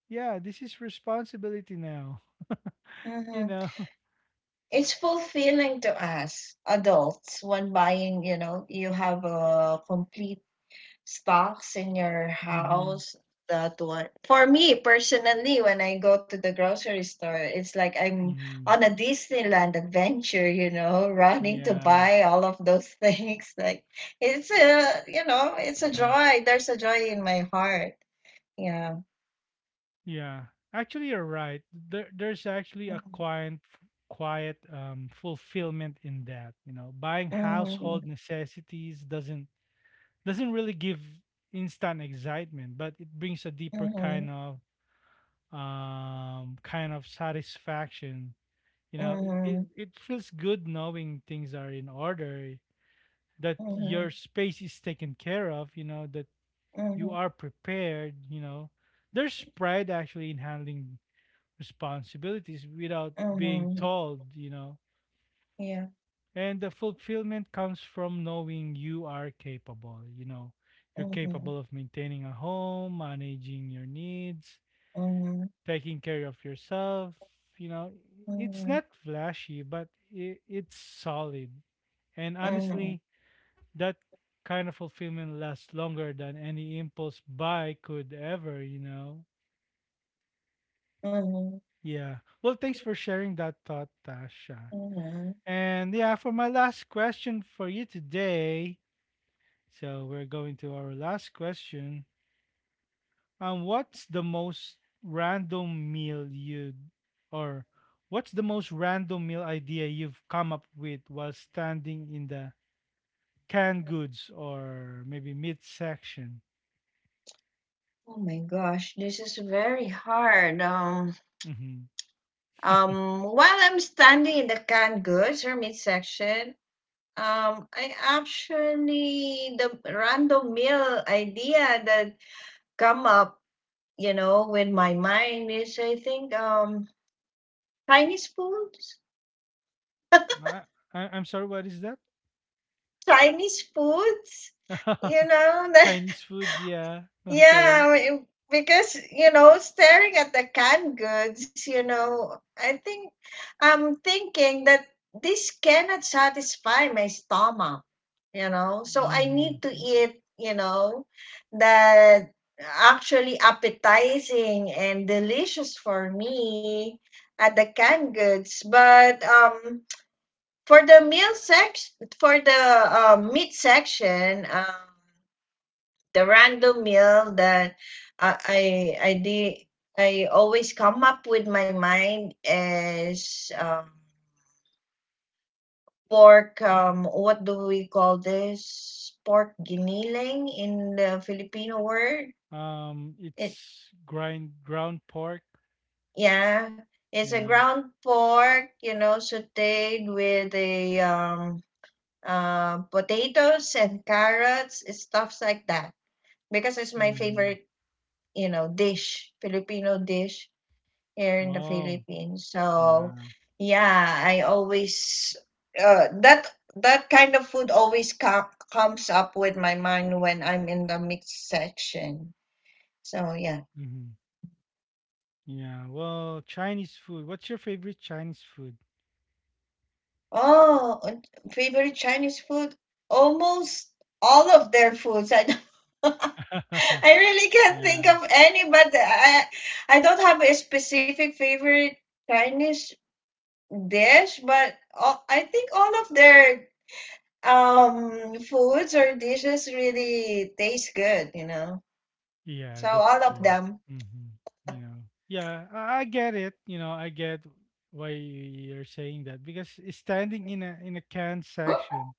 [SPEAKER 1] yeah, this is responsibility now, [laughs] you
[SPEAKER 2] Mm-hmm.
[SPEAKER 1] know?
[SPEAKER 2] It's fulfilling to us adults when buying, you know, you have a complete stocks in your
[SPEAKER 1] Mm-hmm.
[SPEAKER 2] house. That one. For me personally, when I go to the grocery store, it's like I'm
[SPEAKER 1] Mm-hmm.
[SPEAKER 2] on a Disneyland adventure, you know, running to
[SPEAKER 1] Yeah.
[SPEAKER 2] buy all of those things. [laughs] Like it's
[SPEAKER 1] Yeah.
[SPEAKER 2] a, you know, it's a joy. There's a joy in my heart. Yeah.
[SPEAKER 1] Yeah. Actually, you're right. There's actually a
[SPEAKER 2] Mm-hmm.
[SPEAKER 1] quiet fulfillment in that. You know, buying household necessities doesn't really give instant excitement, but it brings a deeper
[SPEAKER 2] Mm-hmm.
[SPEAKER 1] kind of satisfaction. You know,
[SPEAKER 2] Mm-hmm.
[SPEAKER 1] it feels good knowing things are in order, that
[SPEAKER 2] Mm-hmm. Mm-hmm.
[SPEAKER 1] your space is taken care of, you know, that you
[SPEAKER 2] Mm-hmm.
[SPEAKER 1] are prepared, you know. There's pride actually in handling responsibilities without being
[SPEAKER 2] Mm-hmm.
[SPEAKER 1] told, you know.
[SPEAKER 2] Yeah.
[SPEAKER 1] And the fulfillment comes from knowing you are capable, you know. You're capable
[SPEAKER 2] Mhm.
[SPEAKER 1] of maintaining a home, managing your needs,
[SPEAKER 2] Mhm.
[SPEAKER 1] taking care of yourself, you know. It's
[SPEAKER 2] Mhm.
[SPEAKER 1] not flashy, but it's solid. And
[SPEAKER 2] Mhm.
[SPEAKER 1] honestly, that kind of fulfillment lasts longer than any impulse buy could ever, you know?
[SPEAKER 2] Mhm.
[SPEAKER 1] Yeah. Well, thanks for sharing that thought, Tasha.
[SPEAKER 2] Mhm.
[SPEAKER 1] And yeah, for my last question for you today, so we're going to our last question. What's the most random meal you or what's the most random meal idea you've come up with while standing in the canned goods or maybe meat section?
[SPEAKER 2] Oh my gosh, this is very hard. While I'm standing in the canned goods or midsection. I actually the random meal idea that come up, you know, with my mind is I think Chinese foods,
[SPEAKER 1] I, I'm sorry, what is that?
[SPEAKER 2] Chinese foods, you
[SPEAKER 1] [laughs]
[SPEAKER 2] know. [laughs]
[SPEAKER 1] Chinese foods, yeah. Okay.
[SPEAKER 2] Yeah, because you know, staring at the canned goods, you know, I think I'm thinking that this cannot satisfy my stomach, you know, so I
[SPEAKER 1] Mm-hmm.
[SPEAKER 2] need to eat, you know, that actually appetizing and delicious for me at the canned goods. But for the meal section, for the meat section, the random meal that I I I did, I always come up with my mind is, pork, what do we call this, pork giniling in the Filipino word. It
[SPEAKER 1] It's grind ground pork.
[SPEAKER 2] Yeah, it's a
[SPEAKER 1] Yeah.
[SPEAKER 2] ground pork, you know, sautéed with a potatoes and carrots, stuffs like that, because it's my
[SPEAKER 1] Mm-hmm.
[SPEAKER 2] favorite, you know, dish, Filipino dish here in the
[SPEAKER 1] Oh,
[SPEAKER 2] Philippines. So
[SPEAKER 1] yeah.
[SPEAKER 2] yeah, I always that that kind of food always comes up with my mind when I'm in the mixed section. So yeah.
[SPEAKER 1] Mm-hmm. Yeah. Well, Chinese food. What's your favorite Chinese food?
[SPEAKER 2] Oh, and favorite Chinese food? Almost all of their foods. I don't. [laughs]
[SPEAKER 1] [laughs]
[SPEAKER 2] I really can't think
[SPEAKER 1] Yeah.
[SPEAKER 2] of any, but I don't have a specific favorite Chinese dish, but all, I think all of their foods or dishes really taste good, you know.
[SPEAKER 1] Yeah,
[SPEAKER 2] So
[SPEAKER 1] that's
[SPEAKER 2] all of
[SPEAKER 1] true.
[SPEAKER 2] them.
[SPEAKER 1] Mm-hmm. You know. Yeah, I get it. You know, I get why you're saying that because it's standing in a canned section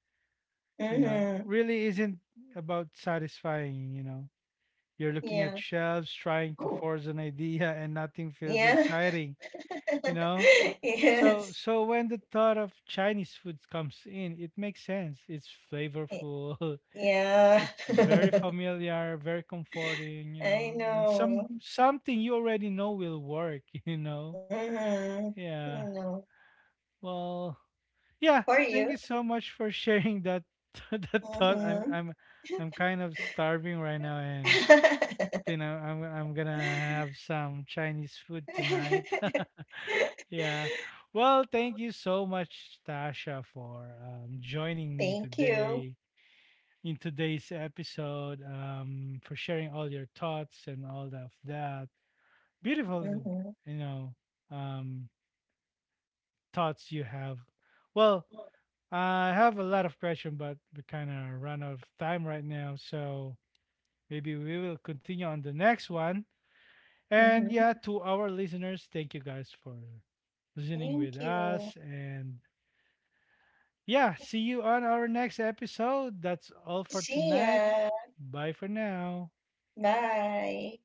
[SPEAKER 1] you know,
[SPEAKER 2] Mm-hmm.
[SPEAKER 1] really isn't about satisfying, you know. You're looking at
[SPEAKER 2] Yeah.
[SPEAKER 1] shelves trying to
[SPEAKER 2] Cool.
[SPEAKER 1] force an idea and nothing feels
[SPEAKER 2] Yeah.
[SPEAKER 1] exciting, you know?
[SPEAKER 2] [laughs] Yes.
[SPEAKER 1] So when the thought of Chinese food comes in, it makes sense. It's
[SPEAKER 2] Y-
[SPEAKER 1] flavorful. [laughs]
[SPEAKER 2] Yeah.
[SPEAKER 1] It's
[SPEAKER 2] [laughs]
[SPEAKER 1] very familiar, very comforting, you know,
[SPEAKER 2] I
[SPEAKER 1] and
[SPEAKER 2] know.
[SPEAKER 1] something you already know will work, [laughs] you know.
[SPEAKER 2] Mm-hmm. I
[SPEAKER 1] Yeah.
[SPEAKER 2] know.
[SPEAKER 1] Well, yeah,
[SPEAKER 2] For
[SPEAKER 1] thank
[SPEAKER 2] you.
[SPEAKER 1] you so much for sharing that [laughs] that thought.
[SPEAKER 2] Mm-hmm.
[SPEAKER 1] I'm kind of starving right now, and you
[SPEAKER 2] [laughs]
[SPEAKER 1] know I'm gonna have some Chinese food tonight. [laughs] yeah. Well, thank you so much, Tasha, for joining me
[SPEAKER 2] Thank you.
[SPEAKER 1] today in today's episode. For sharing all your thoughts and all of that beautiful,
[SPEAKER 2] Mm-hmm.
[SPEAKER 1] you know, um, thoughts you have. Well, I have a lot of questions, but we kind of run out of time right now. So maybe we will continue on the next one. And yeah,
[SPEAKER 2] Mm-hmm.
[SPEAKER 1] to our listeners, thank you guys for listening
[SPEAKER 2] Thank
[SPEAKER 1] with
[SPEAKER 2] you.
[SPEAKER 1] us. And yeah, see you on our next episode. That's all for
[SPEAKER 2] See
[SPEAKER 1] tonight.
[SPEAKER 2] ya.
[SPEAKER 1] Bye for now.
[SPEAKER 2] Bye.